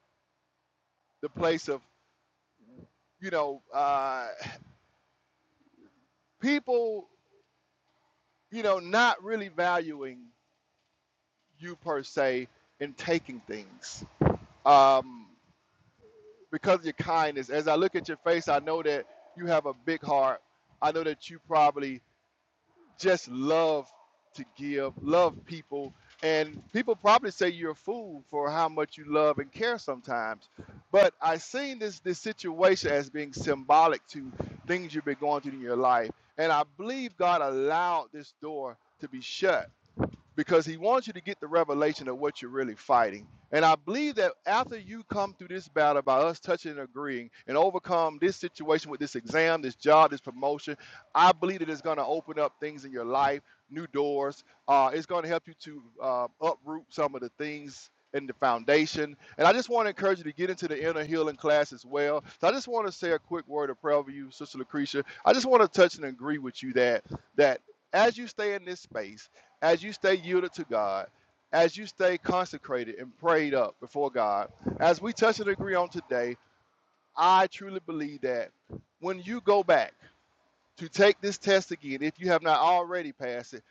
Speaker 2: the place of, you know, uh, people, you know, not really valuing you per se and taking things. Um, because of your kindness. As I look at your face, I know that you have a big heart. I know that you probably just love to give, love people. And people probably say you're a fool for how much you love and care sometimes. But I seen this this situation as being symbolic to things you've been going through in your life. And I believe God allowed this door to be shut because he wants you to get the revelation of what you're really fighting. And I believe that after you come through this battle by us touching and agreeing and overcome this situation with this exam, this job, this promotion, I believe that it's going to open up things in your life, new doors. Uh, it's going to help you to uh, uproot some of the things in the foundation. And I just want to encourage you to get into the inner healing class as well. So I just want to say a quick word of prayer for you, Sister Lucretia. I just want to touch and agree with you that that as you stay in this space, as you stay yielded to God, as you stay consecrated and prayed up before God, as we touch and agree on today, I truly believe that when you go back to take this test again, if you have not already passed it,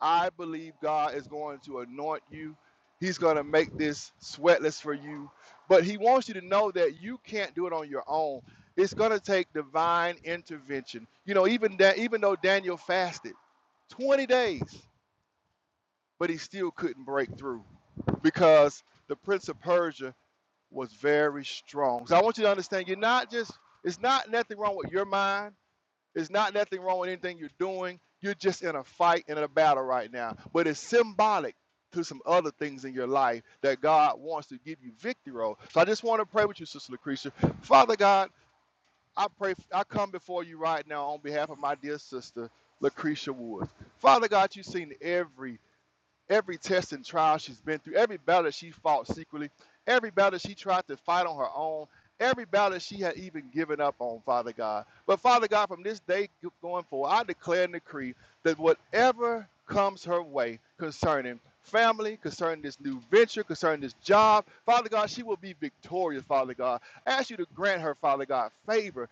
Speaker 2: I believe God is going to anoint you. He's going to make this sweatless for you. But He wants you to know that you can't do it on your own. It's going to take divine intervention. You know, even that, even though Daniel fasted 20 days, but he still couldn't break through because the prince of persia was very strong so i want you to understand you're not just it's not nothing wrong with your mind it's not nothing wrong with anything you're doing you're just in a fight and in a battle right now but it's symbolic to some other things in your life that god wants to give you victory over so i just want to pray with you sister lucretia father god i pray i come before you right now on behalf of my dear sister lucretia woods father god you've seen every every test and trial she's been through, every battle that she fought secretly, every battle that she tried to fight on her own, every battle she had even given up on, Father God. But Father God, from this day going forward, I declare and decree that whatever comes her way concerning family, concerning this new venture, concerning this job, Father God, she will be victorious, Father God. I ask you to grant her, Father God, favor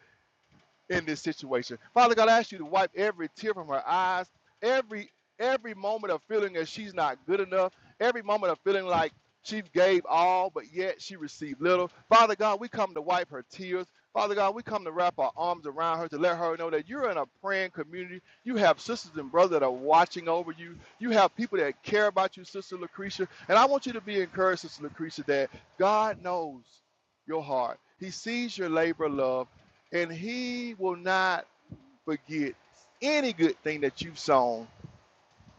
Speaker 2: in this situation. Father God, I ask you to wipe every tear from her eyes, every every moment of feeling that she's not good enough, every moment of feeling like she gave all, but yet she received little. Father God, we come to wipe her tears. Father God, we come to wrap our arms around her to let her know that you're in a praying community. You have sisters and brothers that are watching over you. You have people that care about you, Sister Lucretia. And I want you to be encouraged, Sister Lucretia, that God knows your heart. He sees your labor of love and he will not forget any good thing that you've sown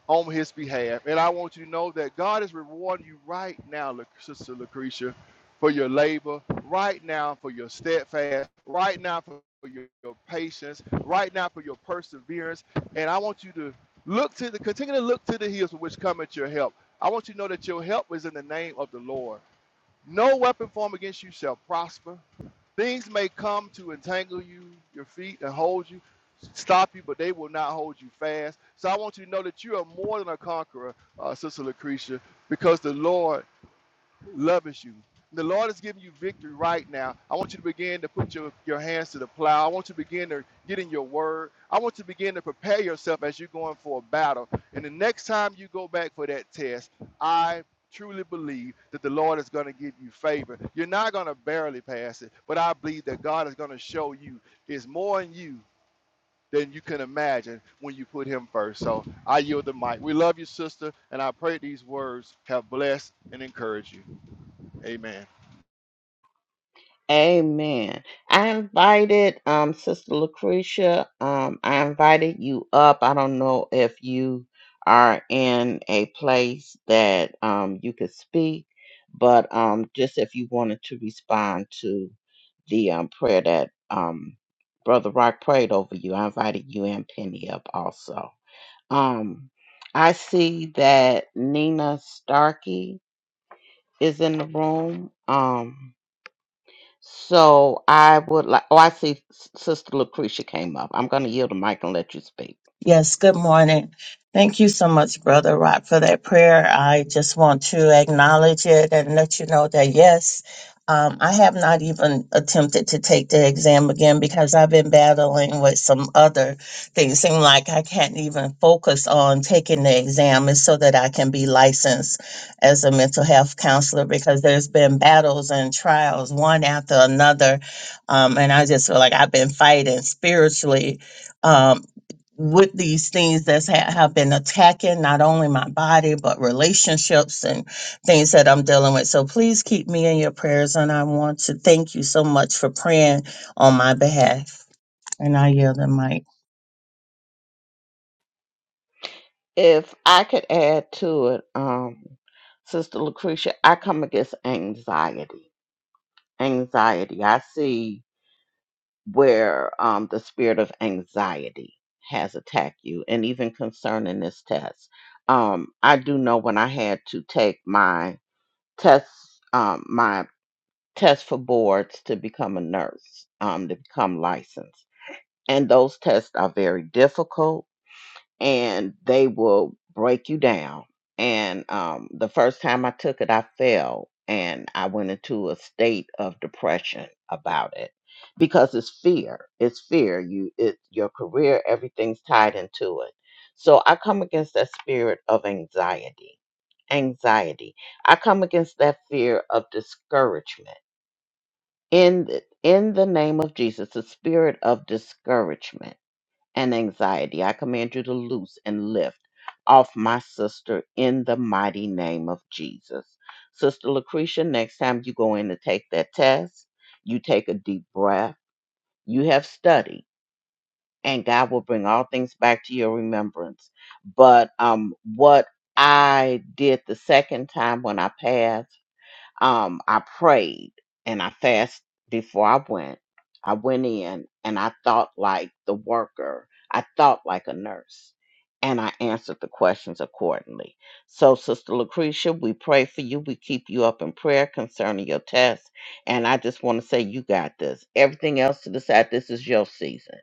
Speaker 2: on his behalf. And I want you to know that God is rewarding you right now, Sister Lucretia, for your labor, right now for your steadfast, right now for for your, your patience, right now for your perseverance. And I want you to look to the continue to look to the hills from which cometh your help. I want you to know that your help is in the name of the Lord. No weapon formed against you shall prosper. Things may come to entangle you, your feet, and hold you, stop you, but they will not hold you fast. So I want you to know that you are more than a conqueror, uh, Sister Lucretia, because the Lord loves you. The Lord is giving you victory right now. I want you to begin to put your, your hands to the plow. I want you to begin to get in your word. I want you to begin to prepare yourself as you're going for a battle. And the next time you go back for that test, I truly believe that the Lord is going to give you favor. You're not going to barely pass it, but I believe that God is going to show you is more in you than you can imagine when you put him first. So I yield the mic. We love you, sister, and I pray these words have blessed and encouraged you. Amen.
Speaker 1: Amen. I invited um Sister Lucretia. Um, I invited you up. I don't know if you are in a place that um you could speak, but um just if you wanted to respond to the um prayer that um Brother Rock prayed over you, I invited you and Penny up also. Um, I see that Nina Starkey is in the room. Um so I would like, oh, I see S- Sister Lucretia came up. I'm going to yield the mic and let you speak.
Speaker 7: Yes, good morning. Thank you so much, Brother Rock, for that prayer. I just want to acknowledge it and let you know that, yes, um, I have not even attempted to take the exam again because I've been battling with some other things. Seem like I can't even focus on taking the exam is so that I can be licensed as a mental health counselor because there's been battles and trials one after another. Um, and I just feel like I've been fighting spiritually um, with these things that have been attacking not only my body but relationships and things that I'm dealing with. So please keep me in your prayers, and I want to thank you so much for praying on my behalf. And I yield the mic.
Speaker 1: If I could add to it, um, Sister Lucretia, I come against anxiety. Anxiety. I see where um, the spirit of anxiety has attacked you, and even concerning this test. Um, I do know when I had to take my test, um, my test for boards to become a nurse, um, to become licensed and those tests are very difficult and they will break you down and um, the first time i took it i fell and i went into a state of depression about it because it's fear it's fear you it your career everything's tied into it so i come against that spirit of anxiety anxiety i come against that fear of discouragement in the, in the name of jesus the spirit of discouragement and anxiety. I command you to loose and lift off my sister in the mighty name of Jesus. Sister Lucretia, next time you go in to take that test, you take a deep breath. You have studied, and God will bring all things back to your remembrance. But um, what I did the second time when I passed um, I prayed and I fasted before I went. I went in and I thought like the worker, I thought like a nurse, and I answered the questions accordingly. So, Sister Lucretia, we pray for you. We keep you up in prayer concerning your test. And I just want to say, you got this. Everything else to the side, this is your season.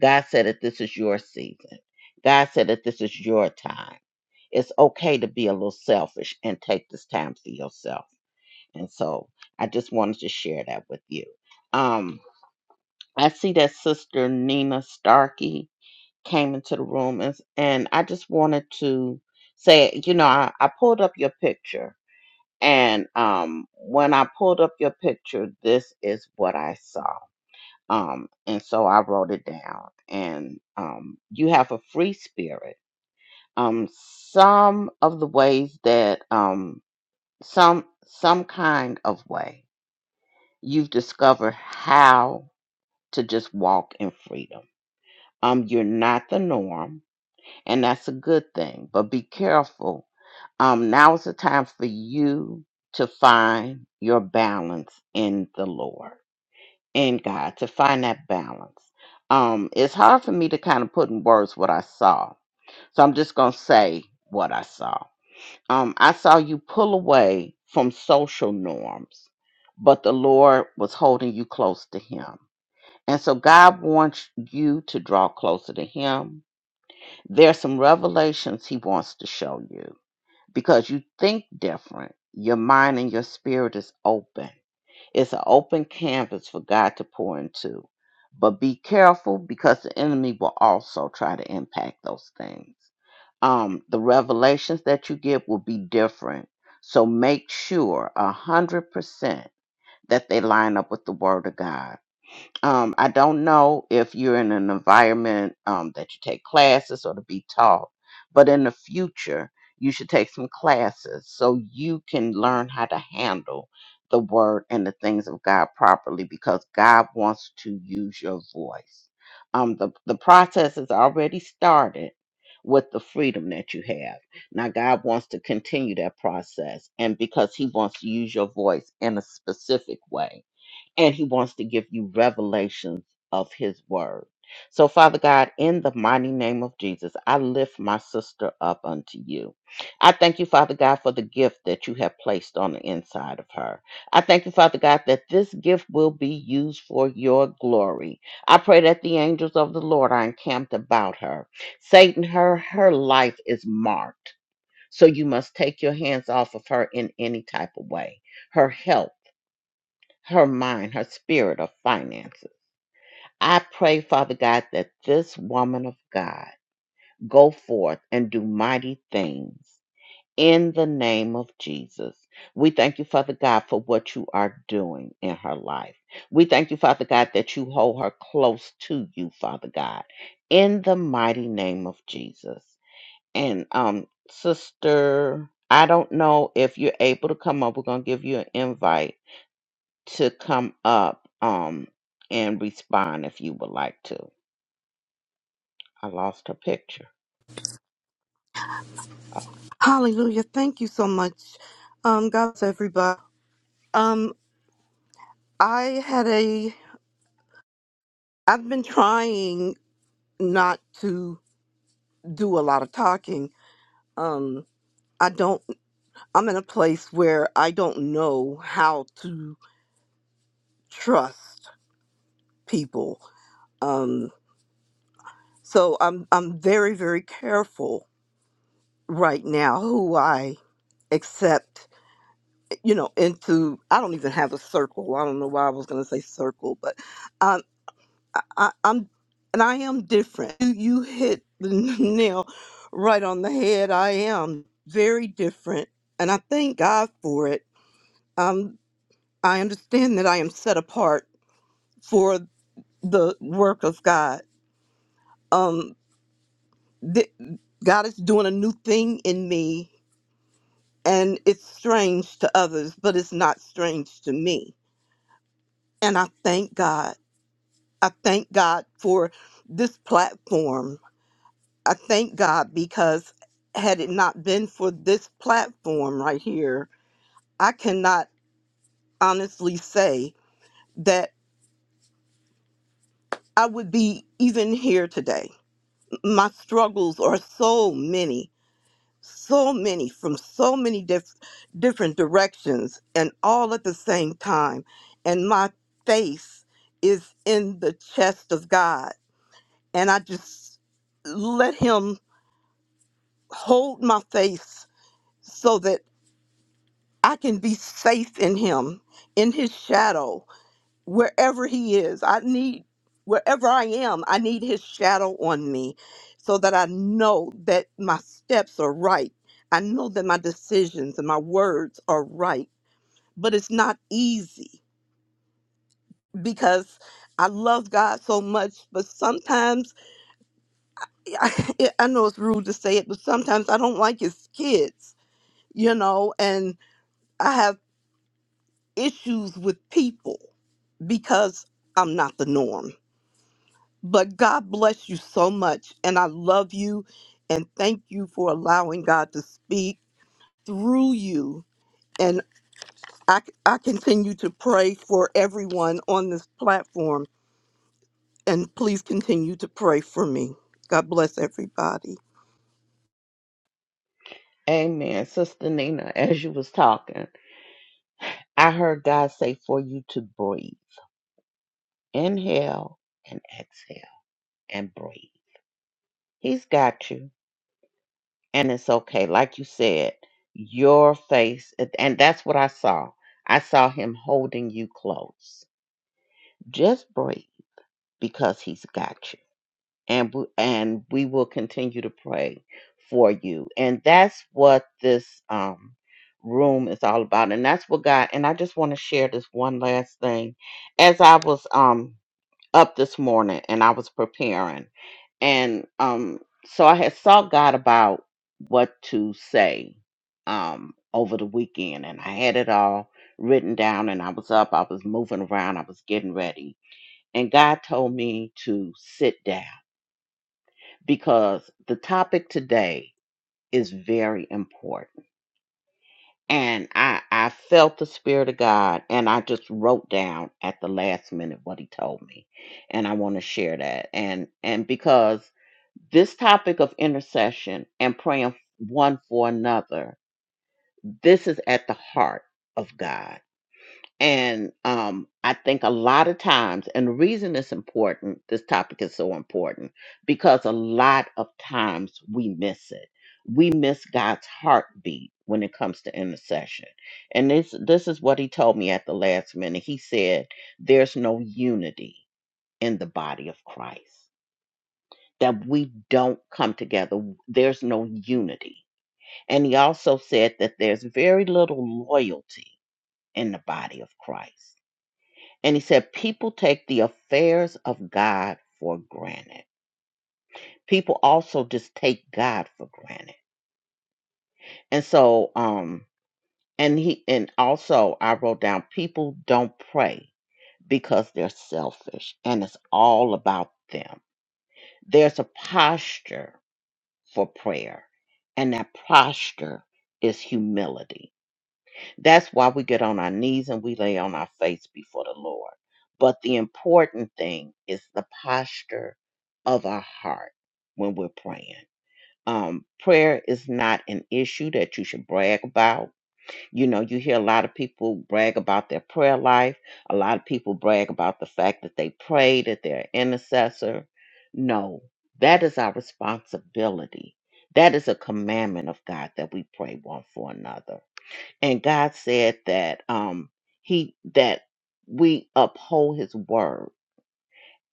Speaker 1: God said that this is your season. God said that this is your time. It's okay to be a little selfish and take this time for yourself and so I just wanted to share that with you. Um, I see that Sister Nina Starkey came into the room, and, and I just wanted to say, you know, I, I pulled up your picture, and um, when I pulled up your picture, this is what I saw. Um, and so I wrote it down. And um, you have a free spirit. Um, some of the ways that um, some some kind of way. you've discovered how to just walk in freedom. Um, you're not the norm, and that's a good thing. But be careful. Um, now is the time for you to find your balance in the Lord, in God, to find that balance. Um, it's hard for me to kind of put in words what I saw, so I'm just gonna say what I saw. Um, I saw you pull away from social norms, but the Lord was holding you close to Him and so God wants you to draw closer to Him. There are some revelations He wants to show you because you think different. Your mind and your spirit is open. It's an open canvas for God to pour into. But be careful because the enemy will also try to impact those things. Um, the revelations that you give will be different. So make sure a hundred percent that they line up with the Word of God um, I don't know if you're in an environment um, that you take classes or to be taught, but in the future, you should take some classes so you can learn how to handle the word and the things of God properly because God wants to use your voice. Um, the, the process is already started with the freedom that you have. Now, God wants to continue that process, and because He wants to use your voice in a specific way and he wants to give you revelations of his word. So, Father God, in the mighty name of Jesus, I lift my sister up unto you. I thank you, Father God, for the gift that you have placed on the inside of her. I thank you, Father God, that this gift will be used for your glory. I pray that the angels of the Lord are encamped about her. Satan, her her life is marked. So you must take your hands off of her in any type of way. Her health her mind, her spirit of finances. I pray, Father God, that this woman of God go forth and do mighty things in the name of Jesus. We thank you, Father God, for what you are doing in her life. We thank you, Father God, that you hold her close to you, Father God, in the mighty name of Jesus. And um, sister, I don't know if you're able to come up. We're gonna give you an invite to come up um and respond if you would like to. I lost her picture. Oh.
Speaker 8: Hallelujah. Thank you so much. Um, God bless everybody. Um, I had a I've been trying not to do a lot of talking. Um, I don't I'm in a place where I don't know how to trust people. Um, so I'm I'm very, very careful right now who I accept, you know, into I don't even have a circle. I don't know why I was gonna say circle, but um, I, I, I'm and I am different. You, you hit the [laughs] nail right on the head. I am very different, and I thank God for it. Um, I understand that I am set apart for the work of God. Um, th- God is doing a new thing in me, and it's strange to others, but it's not strange to me. And I thank God. I thank God for this platform I thank God because had it not been for this platform right here, I cannot honestly say that I would be even here today. My struggles are so many, so many from so many diff- different directions and all at the same time. And my face is in the chest of God. And I just let Him hold my face so that I can be safe in him, in his shadow, wherever he is. I need, wherever I am, I need his shadow on me so that I know that my steps are right. I know that my decisions and my words are right, but it's not easy because I love God so much, but sometimes [laughs] I, I know it's rude to say it, but sometimes I don't like his kids, you know, and I have issues with people because I'm not the norm. But God bless you so much. And I love you. And thank you for allowing God to speak through you. And I, I continue to pray for everyone on this platform. And please continue to pray for me. God bless everybody.
Speaker 1: Amen. Sister Nina, [laughs] as you was talking, I heard God say for you to breathe. Inhale and exhale and breathe. He's got you. And it's okay. Like you said, your face and that's what I saw. I saw him holding you close. Just breathe because he's got you. and we, and we will continue to pray for you. And that's what this um room is all about. And that's what God and I just want to share this one last thing. As I was um up this morning and I was preparing and um so I had sought God about what to say um over the weekend and I had it all written down and I was up, I was moving around, I was getting ready. And God told me to sit down because the topic today is very important. And I, I felt the Spirit of God, and I just wrote down at the last minute what He told me. And I want to share that. And, and because this topic of intercession and praying one for another, this is at the heart of God. And um, I think a lot of times, and the reason it's important, this topic is so important, because a lot of times we miss it. We miss God's heartbeat when it comes to intercession. And this this is what he told me at the last minute. He said, There's no unity in the body of Christ. That we don't come together. There's no unity. And he also said that there's very little loyalty in the body of Christ and he said, People take the affairs of God for granted. People also just take God for granted. And so, um, and he, and also I wrote down, people don't pray because they're selfish and it's all about them. There's a posture for prayer, and that posture is humility That's why we get on our knees and we lay on our face before the Lord. But the important thing is the posture of our heart when we're praying. Um, prayer is not an issue that you should brag about. You know, you hear a lot of people brag about their prayer life. A lot of people brag about the fact that they pray, that they're an intercessor. No, that is our responsibility. That is a commandment of God that we pray one for another and God said that um he that we uphold his word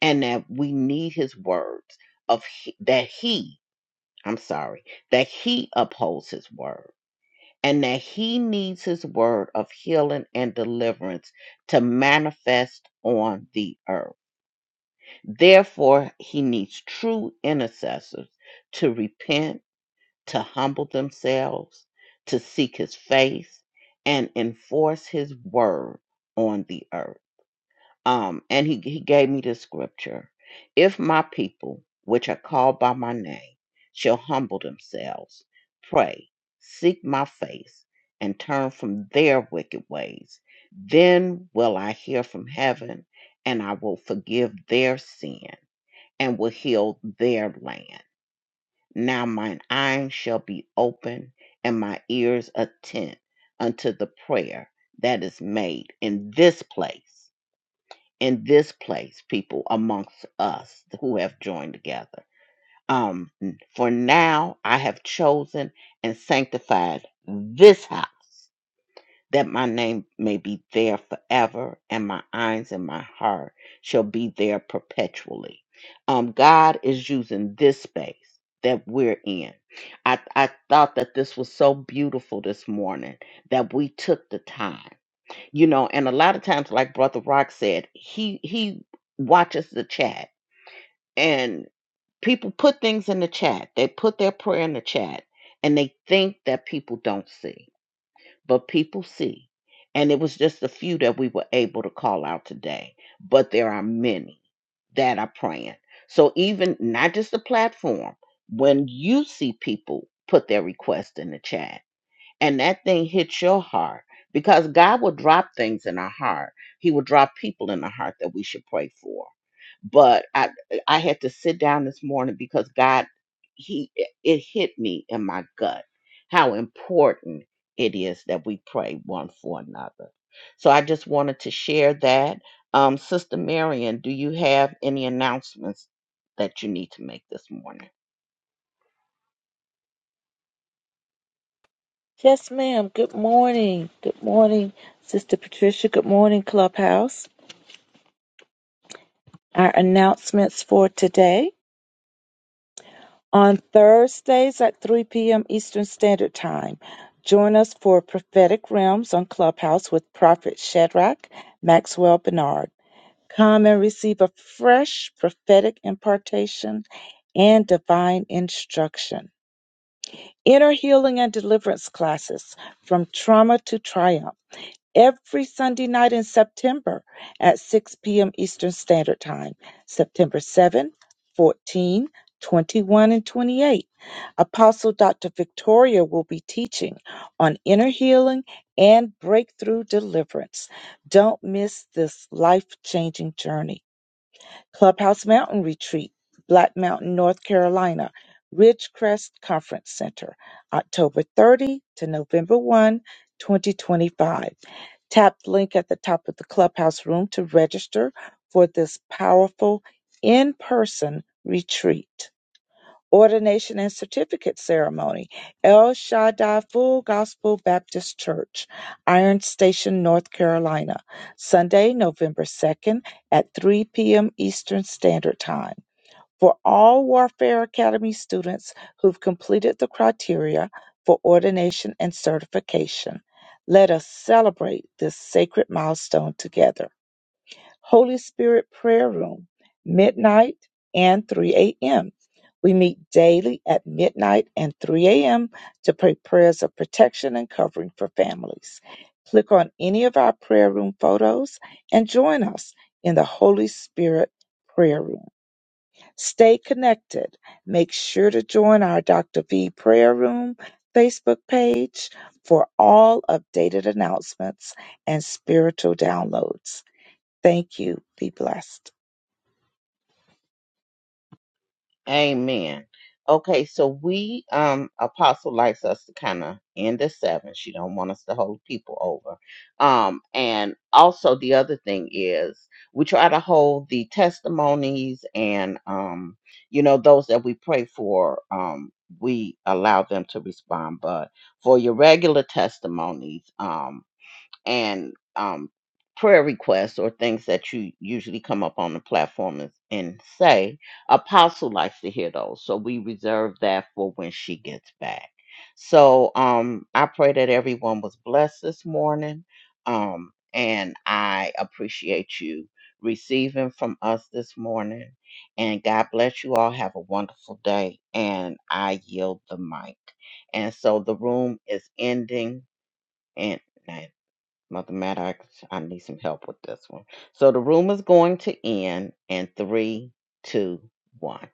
Speaker 1: and that we need his words of he, that he I'm sorry that he upholds his word and that he needs his word of healing and deliverance to manifest on the earth. Therefore he needs true intercessors to repent to humble themselves, to seek his face, and enforce his word on the earth. Um, and he, he gave me this scripture If my people, which are called by my name, shall humble themselves, pray, seek my face, and turn from their wicked ways, then will I hear from heaven, and I will forgive their sin and will heal their land. Now mine eyes shall be open and my ears attent unto the prayer that is made in this place, in this place, people amongst us who have joined together. Um, for now I have chosen and sanctified this house that my name may be there forever, and my eyes and my heart shall be there perpetually. Um, God is using this space that we're in. I, I thought that this was so beautiful this morning that we took the time, you know, and a lot of times, like Brother Rock said, he he watches the chat and people put things in the chat. They put their prayer in the chat and they think that people don't see but people see. And it was just a few that we were able to call out today, but there are many that are praying. So, even not just the platform, when you see people put their request in the chat, and that thing hits your heart because God will drop things in our heart. He will drop people in our heart that we should pray for. But I I had to sit down this morning because God he it it hit me in my gut how important it is that we pray one for another. So I just wanted to share that. Um, Sister Marion, do you have any announcements that you need to make this morning?
Speaker 9: Yes, ma'am. Good morning. Good morning, Sister Patricia. Good morning, Clubhouse. Our announcements for today on Thursdays at 3 p.m. Eastern Standard Time. Join us for Prophetic Realms on Clubhouse with Prophet Shadrach Maxwell Bernard. Come and receive a fresh prophetic impartation and divine instruction. Inner healing and deliverance classes from trauma to triumph every Sunday night in September at 6 p.m. Eastern Standard Time, September 7, 14, 21, and 28. Apostle Dr. Victoria will be teaching on inner healing and breakthrough deliverance. Don't miss this life changing journey. Clubhouse Mountain Retreat, Black Mountain, North Carolina, Ridgecrest Conference Center, October 30 to November 1, 2025. Tap the link at the top of the clubhouse room to register for this powerful in person retreat ordination and certificate ceremony, El Shaddai Full Gospel Baptist Church, Iron Station, North Carolina, Sunday, November 2nd at 3 p.m. Eastern Standard Time. For all Warfare Academy students who've completed the criteria for ordination and certification, let us celebrate this sacred milestone together. Holy Spirit Prayer Room, midnight and 3 a.m. We meet daily at midnight and 3 a.m. to pray prayers of protection and covering for families. Click on any of our prayer room photos and join us in the Holy Spirit Prayer Room. Stay connected. Make sure to join our Dr. V Prayer Room Facebook page for all updated announcements and spiritual downloads. Thank you. Be blessed.
Speaker 1: Amen. Okay, so we um apostle likes us to kind of end at seven. She don't want us to hold people over. Um, and also the other thing is we try to hold the testimonies and um, you know, those that we pray for, um, we allow them to respond. But for your regular testimonies, um, and um, prayer requests or things that you usually come up on the platform and, and say. Apostle likes to hear those, so we reserve that for when she gets back. So um, I pray that everyone was blessed this morning, um, and I appreciate you receiving from us this morning. And God bless you all. Have a wonderful day. And I yield the mic. And so the room is ending in nine. Mathematics, I need some help with this one. So the room is going to end in three, two, one.